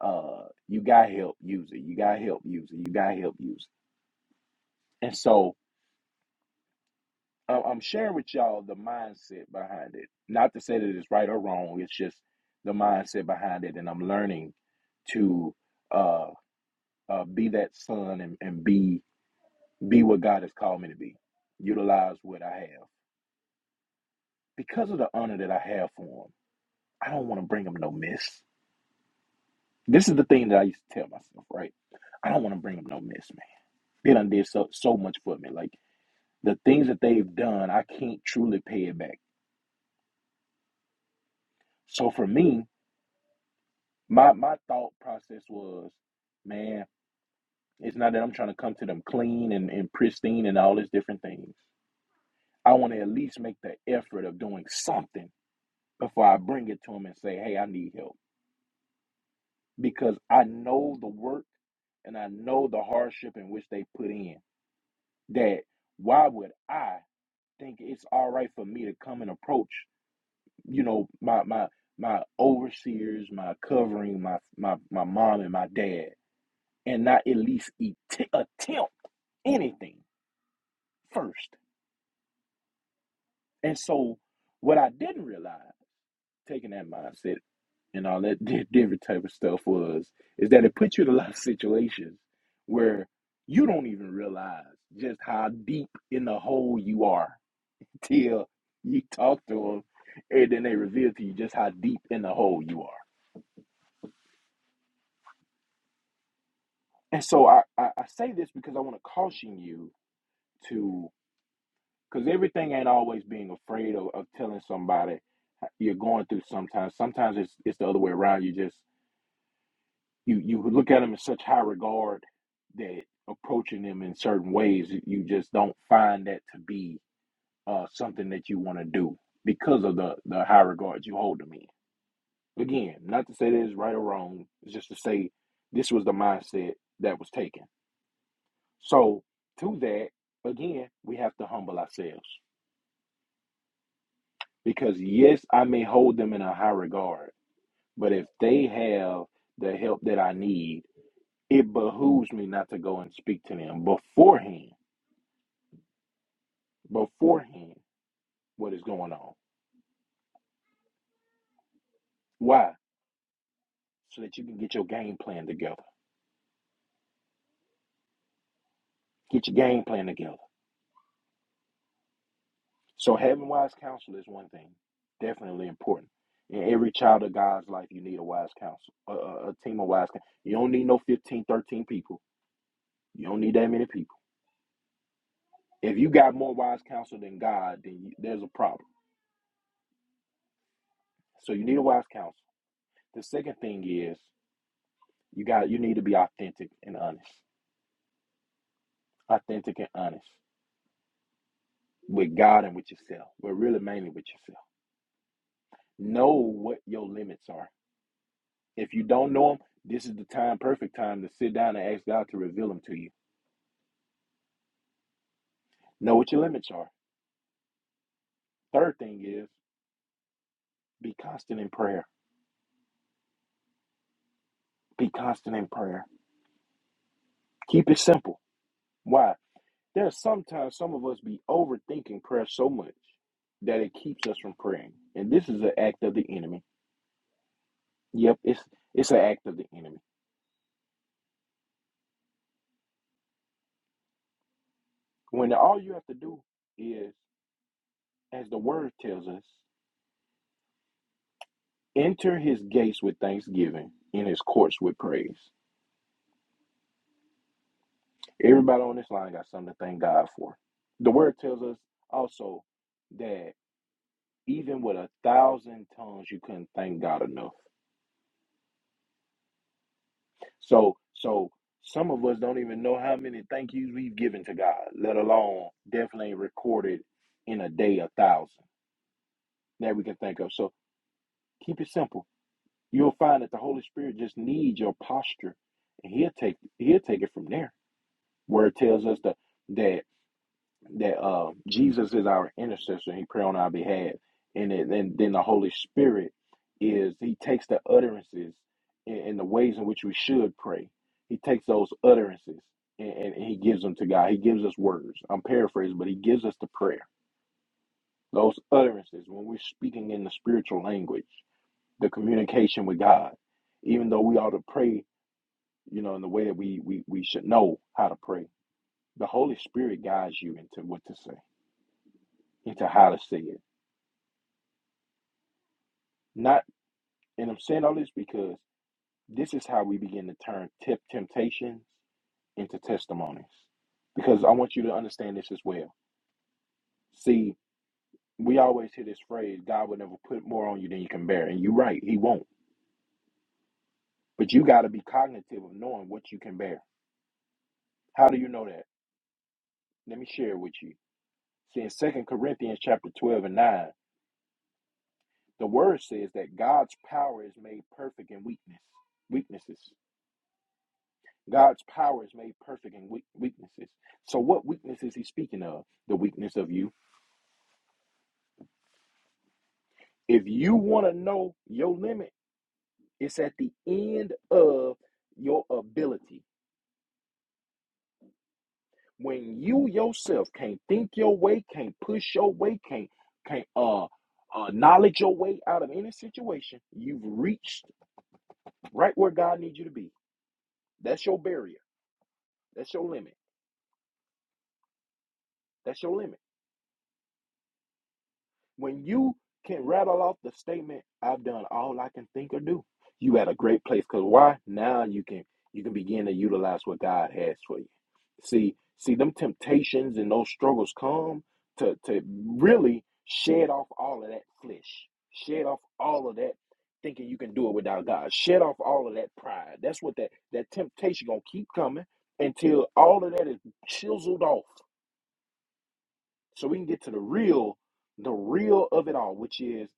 S1: uh, you got help, use it. You got help, use it. You got help, use it. And so I- I'm sharing with y'all the mindset behind it. Not to say that it's right or wrong, it's just the mindset behind it. And I'm learning to uh, uh, be that son and, and be be what God has called me to be. Utilize what I have. because of the honor that I have for him, I don't want to bring him no miss. This is the thing that I used to tell myself, right? I don't want to bring him no miss, man. They done did so so much for me. Like the things that they've done, I can't truly pay it back. So for me, my my thought process was, man, it's not that I'm trying to come to them clean and, and pristine and all these different things. I want to at least make the effort of doing something before I bring it to them and say, hey, I need help because I know the work and I know the hardship in which they put in. That why would I think it's all right for me to come and approach, you know, my my my overseers, my covering, my my my mom and my dad, and not at least et- attempt anything first. And so, what I didn't realize, taking that mindset. and all that di- different type of stuff was is that it puts you in a lot of situations where you don't even realize just how deep in the hole you are till you talk to them and then they reveal to you just how deep in the hole you are. And so I, I, I say this because I want to caution you to because everything ain't always being afraid of, of telling somebody you're going through sometimes. Sometimes it's it's the other way around. You just you you would look at them in such high regard that approaching them in certain ways you just don't find that to be uh, something that you want to do because of the the high regard you hold them in. Again, not to say that it's right or wrong, it's just to say this was the mindset that was taken. So to that, again, we have to humble ourselves because yes, I may hold them in a high regard, but if they have the help that I need it behooves me not to go and speak to them beforehand, beforehand, what is going on. Why? So that you can get your game plan together. Get your game plan together. So having wise counsel is one thing, definitely important. In every child of God's life, you need a wise counsel, a, a, a team of wise counsel. You don't need no 15, 13 people. You don't need that many people. If you got more wise counsel than God, then you, there's a problem. So you need a wise counsel. The second thing is you got you need to be authentic and honest authentic and honest with God and with yourself, but really mainly with yourself. Know what your limits are. If you don't know them, this is the time, perfect time to sit down and ask God to reveal them to you. Know what your limits are. Third thing is be constant in prayer. Be constant in prayer. Keep it simple. Why? There's sometimes some of us be overthinking prayer so much that it keeps us from praying. And this is an act of the enemy. Yep, it's it's an act of the enemy. When all you have to do is as the word tells us, enter his gates with thanksgiving, in his courts with praise. Everybody on this line got something to thank God for. The word tells us also that even with a thousand tongues, you couldn't thank God enough. So, so some of us don't even know how many thank yous we've given to God, let alone definitely recorded in a day a thousand that we can think of. So keep it simple. You'll find that the Holy Spirit just needs your posture, and He'll take He'll take it from there. Where it tells us that that that uh, Jesus is our intercessor he pray on our behalf, and then then then the Holy Spirit is he takes the utterances and, and the ways in which we should pray. He takes those utterances and, and, and he gives them to God. He gives us words. I'm paraphrasing, but he gives us the prayer. Those utterances when we're speaking in the spiritual language, the communication with God. Even though we ought to pray, you know, in the way that we we, we should know how to pray the Holy Spirit guides you into what to say, into how to say it. Not, and I'm saying all this because this is how we begin to turn tip temptations into testimonies. Because I want you to understand this as well. See, we always hear this phrase, God will never put more on you than you can bear. And you're right, He won't. But you got to be cognitive of knowing what you can bear. How do you know that? Let me share it with you. See, in Second Corinthians chapter 12 and 9, the word says that God's power is made perfect in weakness, weaknesses. God's power is made perfect in weak weaknesses. So, what weakness is he speaking of? The weakness of you. If you want to know your limit, it's at the end of your ability. When you yourself can't think your way, can't push your way, can't can't uh, uh knowledge your way out of any situation, you've reached right where God needs you to be. That's your barrier. That's your limit. That's your limit. When you can rattle off the statement, I've done all I can think or do, you at a great place. Cause why? Now you can you can begin to utilize what God has for you. See, see them temptations and those struggles come to to really shed off all of that flesh. Shed off all of that thinking you can do it without God. Shed off all of that pride. That's what that that temptation gonna keep coming until all of that is chiseled off. So we can get to the real the real of it all, which is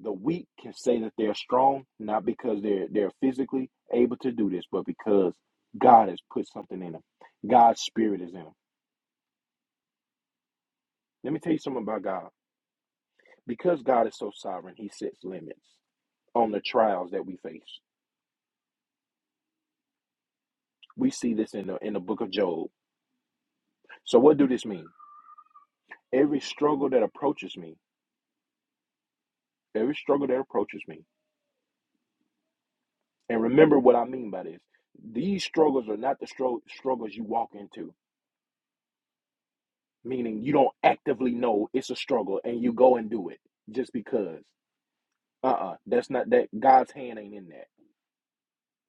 S1: The weak can say that they're strong, not because they're they're physically able to do this, but because God has put something in them. God's spirit is in them. Let me tell you something about God. Because God is so sovereign, He sets limits on the trials that we face. We see this in the in the book of Job. So what do this mean? Every struggle that approaches me, every struggle that approaches me, and remember what I mean by this. These struggles are not the stro- struggles you walk into. meaning you don't actively know it's a struggle and you go and do it just because. Uh uh that's not that God's hand ain't in that.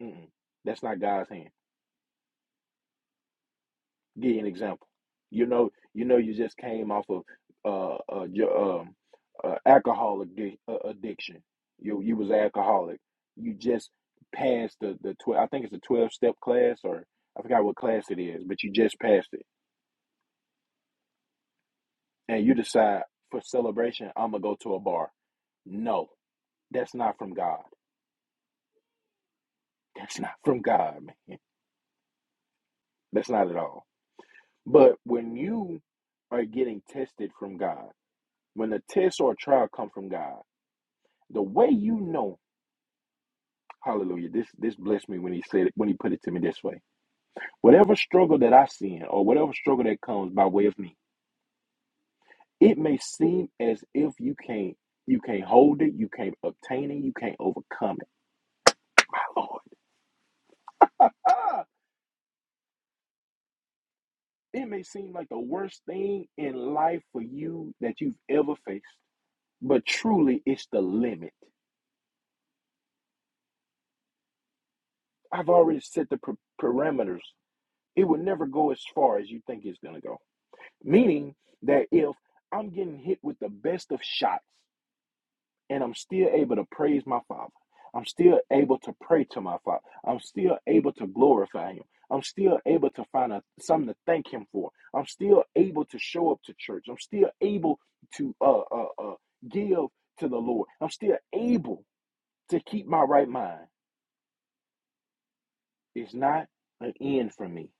S1: Mm-mm, that's not God's hand. Give you an example. You know, you know, you just came off of uh, uh, your, um, uh alcohol addi- uh, addiction. You you was an alcoholic. You just passed the the twelve. I think it's a twelve step class or I forgot what class it is, but you just passed it, and you decide for celebration I'm gonna go to a bar. No, that's not from God. That's not from God, man. That's not at all. But when you are getting tested from God, when the test or trial come from God, the way you know, hallelujah, this this blessed me when he said it, when he put it to me this way. Whatever struggle that I see in or whatever struggle that comes by way of me, it may seem as if you can't you can't hold it, you can't obtain it, you can't overcome it. Lord. Ah, it may seem like the worst thing in life for you that you've ever faced. but truly it's the limit. I've already set the per- parameters. It will never go as far as you think it's going to go. Meaning that if I'm getting hit with the best of shots and I'm still able to praise my Father, I'm still able to pray to my Father, I'm still able to glorify Him. I'm still able to find a, something to thank him for. I'm still able to show up to church. I'm still able to uh, uh, uh, give to the Lord. I'm still able to keep my right mind. It's not an end for me.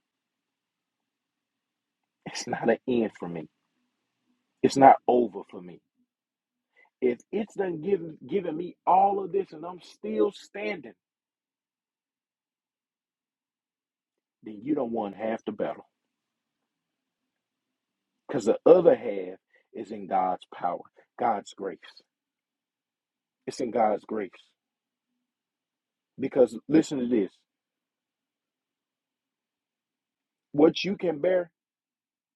S1: It's not an end for me. It's not over for me. If it's done given given me all of this and I'm still standing, then you don't want half the battle. Because the other half is in God's power, God's grace. It's in God's grace. Because listen to this. What you can bear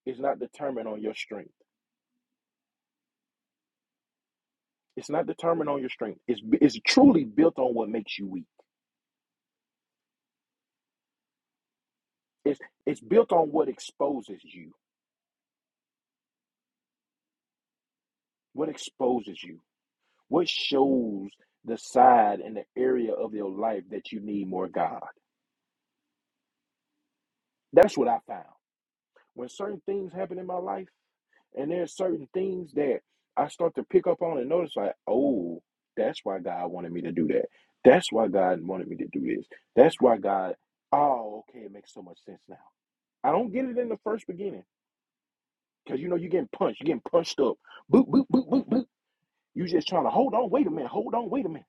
S1: is not determined on your strength. It's not determined on your strength. It's, it's truly built on what makes you weak. It's, it's built on what exposes you. What exposes you? What shows the side and the area of your life that you need more God? That's what I found. When certain things happen in my life, and there's certain things that I start to pick up on and notice, like, oh, that's why God wanted me to do that. That's why God wanted me to do this. That's why God, oh, okay, it makes so much sense now. I don't get it in the first beginning because you know, you're getting punched, you're getting punched up. Boop, boop, boop, boop, boop. you are just trying to hold on, wait a minute, hold on, wait a minute.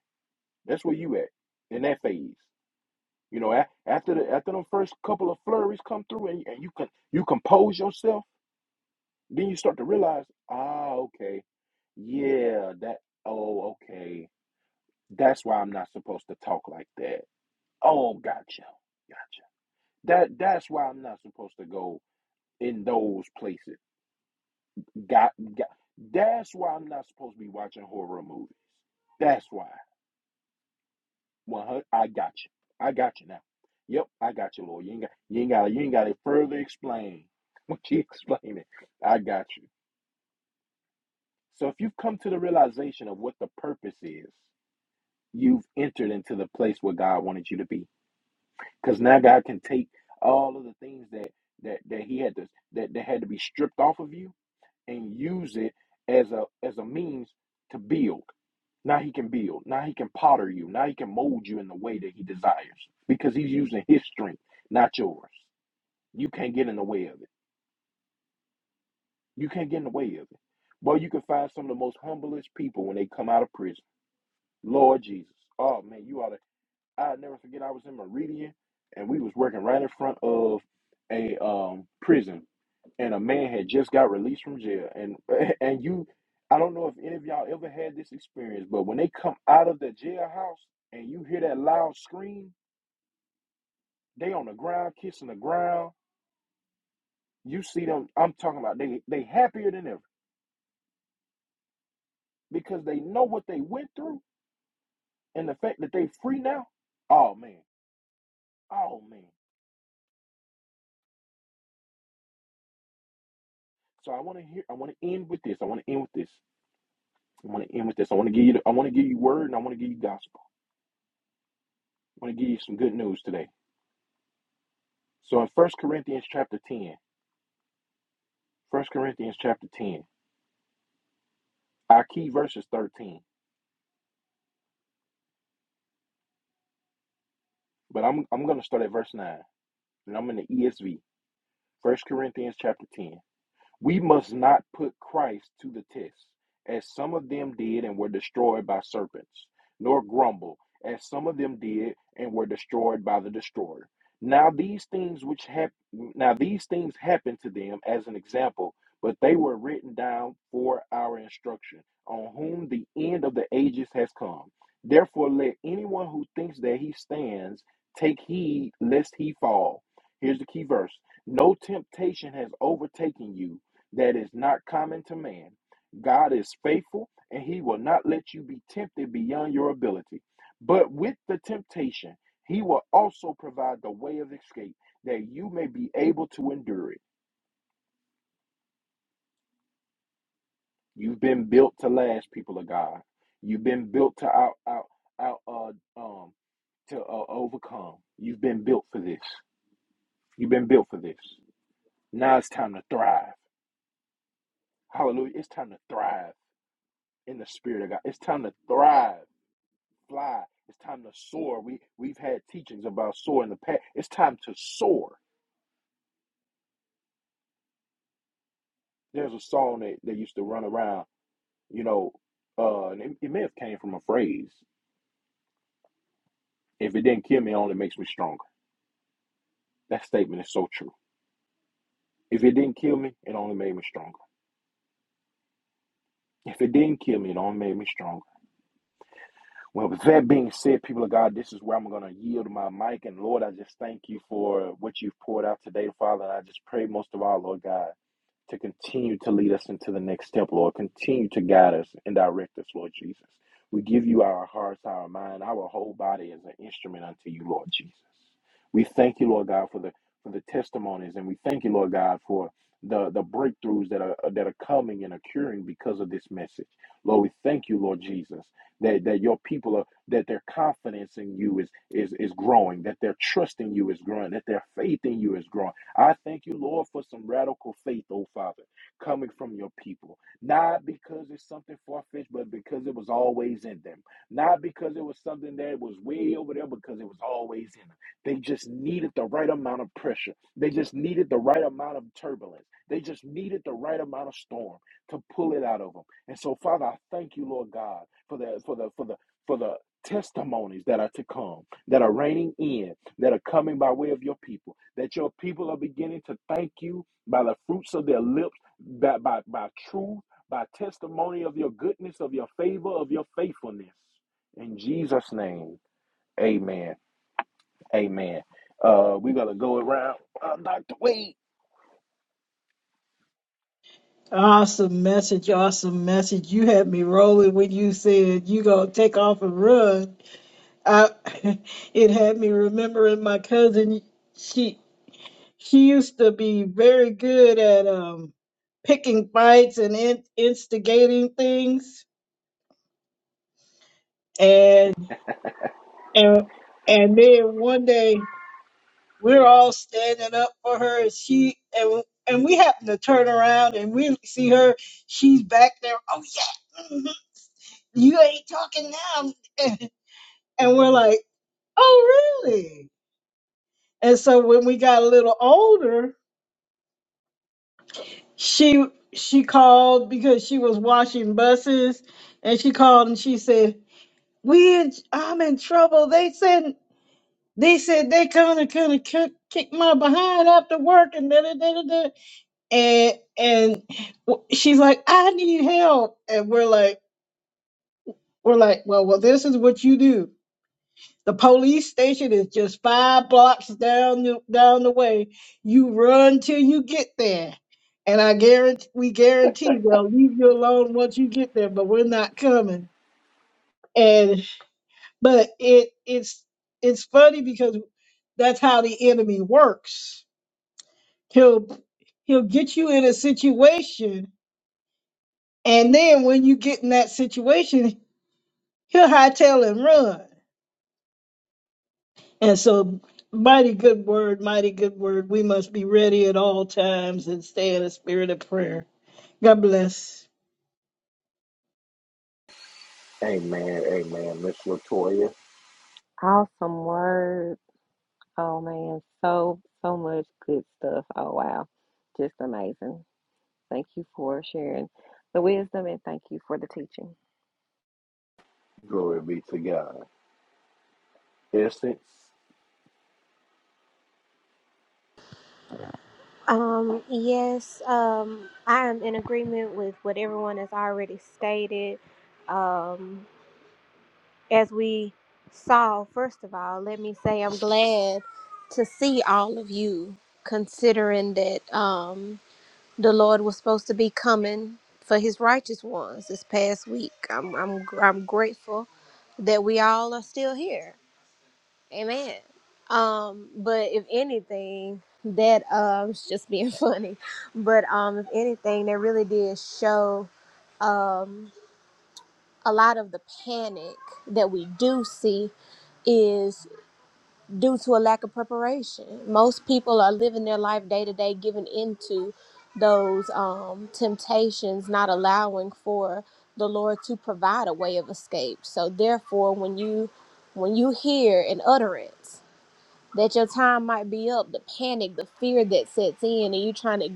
S1: That's where you at in that phase. You know, a- after the after them first couple of flurries come through and, and you can you compose yourself, then you start to realize, ah, okay, yeah, that oh, okay. That's why I'm not supposed to talk like that. Oh, gotcha. Gotcha. That that's why I'm not supposed to go in those places. Got, got that's why I'm not supposed to be watching horror movies. That's why. One hundred. I got you. I got you now. Yep, I got you, Lord. You ain't got. You ain't got. You ain't got to further explain. What you explain it. I got you. So if you've come to the realization of what the purpose is, you've entered into the place where God wanted you to be. Because now God can take all of the things that that that He had to that that had to be stripped off of you and use it as a as a means to build. Now he can build. Now he can potter you. Now he can mold you in the way that he desires because he's using his strength, not yours. You can't get in the way of it. You can't get in the way of it. Boy, you can find some of the most humblest people when they come out of prison. Lord Jesus. Oh man, you ought to. I never forget I was in Meridian and we was working right in front of a um prison and a man had just got released from jail and and you I don't know if any of y'all ever had this experience, but when they come out of the jailhouse and you hear that loud scream, they on the ground kissing the ground. You see them, I'm talking about they they happier than ever because they know what they went through and the fact that they free now. Oh man. Oh man. So I want to hear I want to end with this. I want to end with this. I want to end with this. I want to give you. I want to give you word, and I want to give you gospel. I want to give you some good news today. So in First Corinthians chapter ten, First Corinthians chapter 10, our key verse is 13, but I'm I'm going to start at verse 9, and I'm in the ESV. First Corinthians chapter 10. We must not put Christ to the test, as some of them did and were destroyed by serpents, nor grumble, as some of them did and were destroyed by the destroyer. Now these things which hap- now these things happened to them as an example, but they were written down for our instruction, on whom the end of the ages has come. Therefore, let anyone who thinks that he stands take heed lest he fall. Here's the key verse. No temptation has overtaken you that is not common to man. God is faithful and he will not let you be tempted beyond your ability. But with the temptation, he will also provide the way of escape that you may be able to endure it. You've been built to last, people of God. You've been built to out out out uh, um to uh, overcome. You've been built for this. You've been built for this. Now it's time to thrive. Hallelujah. It's time to thrive in the spirit of God. It's time to thrive fly. It's time to soar. We we've had teachings about soar in the past. It's time to soar. There's a song that, that used to run around, you know, uh, and it, it may have came from a phrase. If it didn't kill me, it only makes me stronger. That statement is so true. If it didn't kill me, it only made me stronger. If it didn't kill me, it only made me stronger. Well, with that being said, people of God, this is where I'm going to yield my mic. And Lord, I just thank you for what you've poured out today, Father. And I just pray most of all, Lord God. to continue to lead us into the next step, Lord. Continue to guide us and direct us, Lord Jesus. We give you our hearts, our mind, our whole body as an instrument unto you, Lord Jesus. We thank you, Lord God, for the for the testimonies, and we thank you, Lord God, for the the breakthroughs that are that are coming and occurring because of this message. Lord, we thank you, Lord Jesus, that that your people are that their confidence in you is is is growing, that their trust in you is growing, that their faith in you is growing I thank you, Lord, for some radical faith, oh Father, coming from your people. Not because it's something far fetched, but because it was always in them. Not because it was something that was way over there, because it was always in them. They just needed the right amount of pressure. They just needed the right amount of turbulence. They just needed the right amount of storm to pull it out of them. And so, Father, I thank you, Lord God, for the for the for the for the testimonies that are to come, that are reigning in that are coming by way of your people, that your people are beginning to thank you by the fruits of their lips, by, by, by truth, by testimony of your goodness, of your favor, of your faithfulness. In Jesus' name, amen. Amen. Uh, we're going to go around. Uh, Dr. Wade.
S2: Awesome message, awesome message. You had me rolling when you said you gonna take off and run. I, it had me remembering my cousin. She used to be very good at um, picking fights and in, instigating things. And and and then one day we're all standing up for her. And she and and we happen to turn around and we see her. She's back there. Oh yeah, mhm, you ain't talking now. And we're like, oh really? And so when we got a little older, she she called because she was washing buses and she called and she said we in, i'm in trouble they said they said they kind of kind of kick, kick my behind after work and da, da, da, da, da. and and w- she's like i need help and we're like we're like well well this is what you do The police station is just five blocks down the, down the way. You run till you get there. And I guarantee we guarantee they'll leave you alone once you get there, but we're not coming. And but it it's it's funny because that's how the enemy works. He'll he'll get you in a situation and then when you get in that situation, he'll hightail and run And so, mighty good word, mighty good word. We must be ready at all times and stay in a spirit of prayer. God bless.
S1: Amen. Amen. Miss Latoya,
S3: Awesome word. Oh, man. So, so much good stuff. Oh, wow. Just amazing. Thank you for sharing the wisdom and thank you for the teaching.
S1: glory be to God. Essence,
S4: Um, yes, um, I am in agreement with what everyone has already stated. Um, as we saw, first of all, let me say I'm glad to see all of you, considering that um, the Lord was supposed to be coming for his righteous ones this past week. I'm, I'm, I'm grateful that we all are still here. Amen. Um, but if anything, that uh, I was just being funny. But um, if anything, that really did show um a lot of the panic that we do see is due to a lack of preparation. Most people are living their life day to day, giving into those um temptations, not allowing for the Lord to provide a way of escape. So therefore, when you when you hear an utterance that your time might be up the panic the fear that sets in and you trying to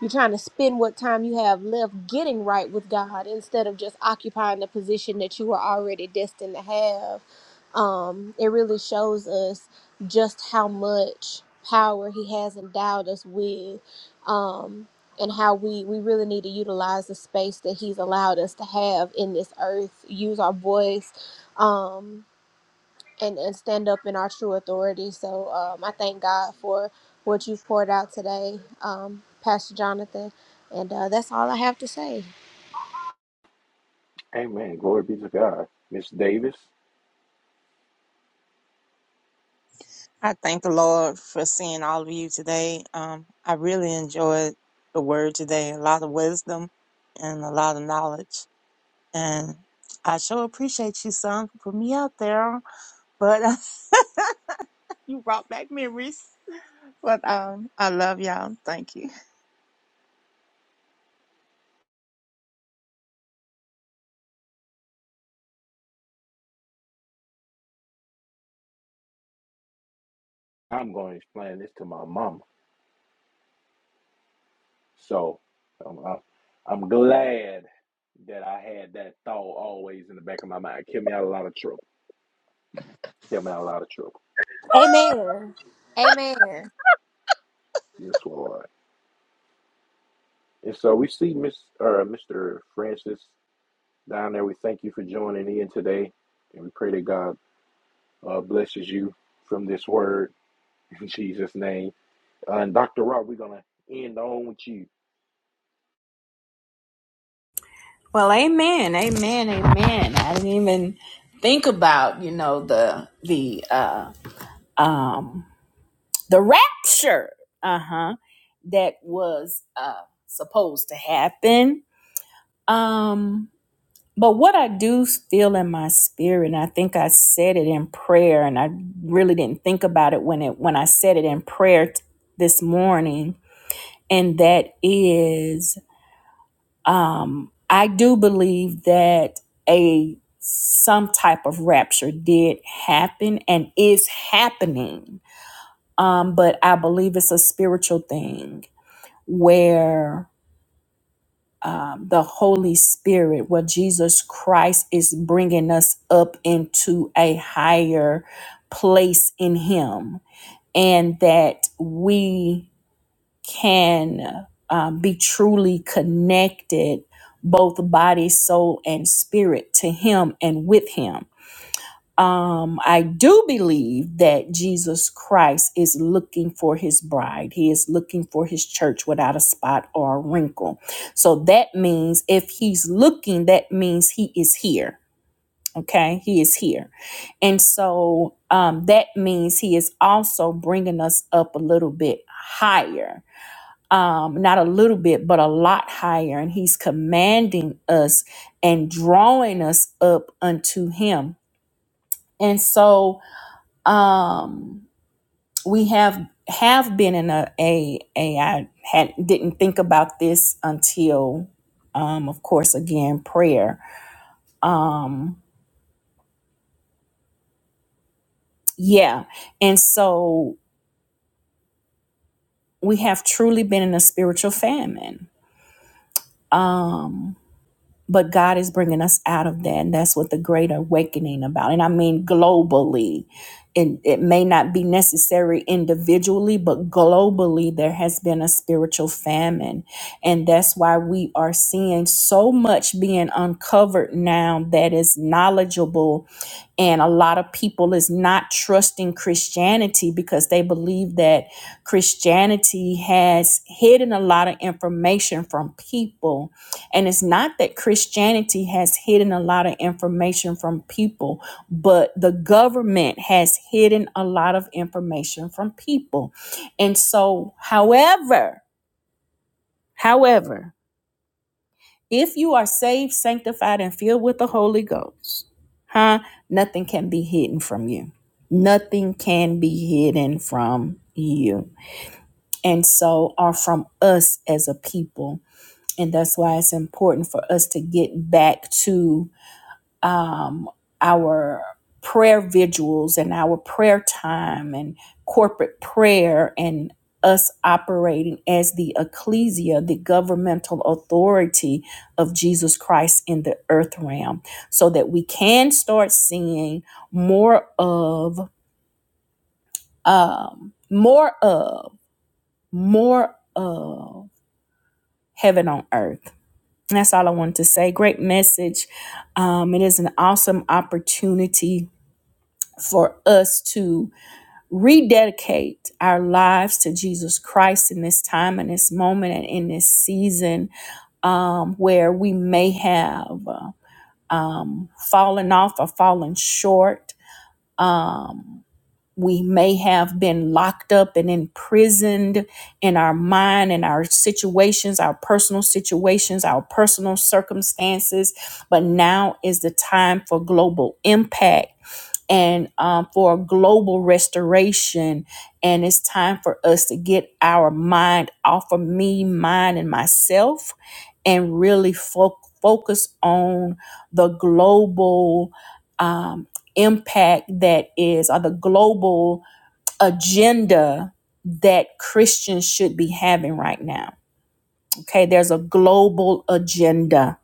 S4: you trying to spend what time you have left getting right with god instead of just occupying the position that you were already destined to have um it really shows us just how much power he has endowed us with um and how we we really need to utilize the space that he's allowed us to have in this earth use our voice Um, and, and stand up in our true authority. So um, I thank God for what you've poured out today, um, Pastor Jonathan. And uh, that's all I have to say.
S1: amen. Glory be to God. Miss Davis,
S6: I thank the Lord for seeing all of you today. Um, I really enjoyed the word today. A lot of wisdom and a lot of knowledge. And I sure appreciate you, son, for putting me out there. But you brought back memories. But um, I love y'all. Thank you.
S1: I'm going to explain this to my mama. So um, I, I'm glad that I had that thought always in the back of my mind. Kept me out of a lot of trouble. Kept me out of a lot of trouble.
S4: Amen. Amen.
S1: Yes, Lord. And so we see Miss or Mr. Francis down there. We thank you for joining in today, and we pray that God uh, blesses you from this word in Jesus' name. Uh, and Dr. Rob, we're gonna end on with you.
S5: Well, amen, amen, amen. I didn't even think about you know the the uh, um the rapture, uh huh, that was uh supposed to happen. Um, But what I do feel in my spirit, and I think I said it in prayer, and I really didn't think about it when it when I said it in prayer t- this morning, and that is, um, I do believe that a some type of rapture did happen and is happening, um, but I believe it's a spiritual thing where um, the Holy Spirit, what Jesus Christ is bringing us up into a higher place in Him, and that we can uh, be truly connected, both body, soul, and spirit, to Him and with Him um, I do believe that Jesus Christ is looking for his bride. He is looking for his church without a spot or a wrinkle. So that means if he's looking, that means he is here. Okay, he is here. And so um, that means he is also bringing us up a little bit higher. Um, not a little bit, but a lot higher. And he's commanding us and drawing us up unto him. And so um, we have have been in a a a I had didn't think about this until um, of course again prayer um, yeah and so we have truly been in a spiritual famine um, but God is bringing us out of that, and that's what the great awakening about. And I mean globally, and it may not be necessary individually, but globally, there has been a spiritual famine, and that's why we are seeing so much being uncovered now that is knowledgeable and a lot of people is not trusting Christianity because they believe that Christianity has hidden a lot of information from people. And it's not that Christianity has hidden a lot of information from people, but the government has hidden a lot of information from people. And so, however, however, if you are saved, sanctified, and filled with the Holy Ghost, huh? Nothing can be hidden from you. Nothing can be hidden from you. And so are from us as a people. And that's why it's important for us to get back to um, our prayer vigils and our prayer time and corporate prayer and us operating as the ecclesia, the governmental authority of Jesus Christ in the earth realm, so that we can start seeing more of, um, more of, more of heaven on earth. And That's all I wanted to say. Great message. Um, it is an awesome opportunity for us to rededicate our lives to Jesus Christ in this time and this moment and in this season um, where we may have uh, um, fallen off or fallen short. Um, we may have been locked up and imprisoned in our mind and our situations, our personal situations, our personal circumstances. But now is the time for global impact and um, for a global restoration. And it's time for us to get our mind off of me, mine, and myself and really fo- focus on the global um, impact that is, or the global agenda that Christians should be having right now. Okay, there's a global agenda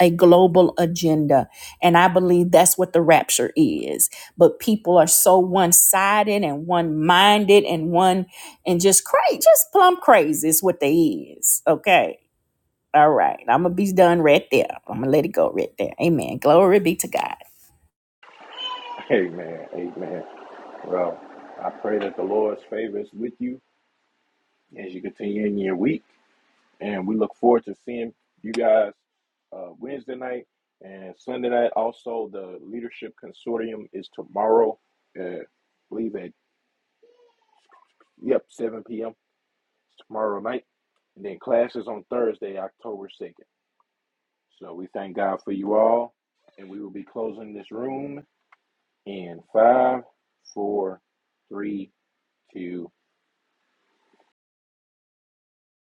S5: a global agenda. And I believe that's what the rapture is. But people are so one sided and one minded and one and just crazy, just plumb crazy is what they is. Okay. All right. I'm going to be done right there. I'm going to let it go right there. Amen. Glory be to God.
S1: Amen. Amen. Well, I pray that the Lord's favor is with you as you continue in your week. and we look forward to seeing you guys uh, Wednesday night and Sunday night. Also, the Leadership Consortium is tomorrow, uh, I believe at yep 7 p.m. It's tomorrow night, and then classes on Thursday, October 2nd. So we thank God for you all, and we will be closing this room in five, four, three, two.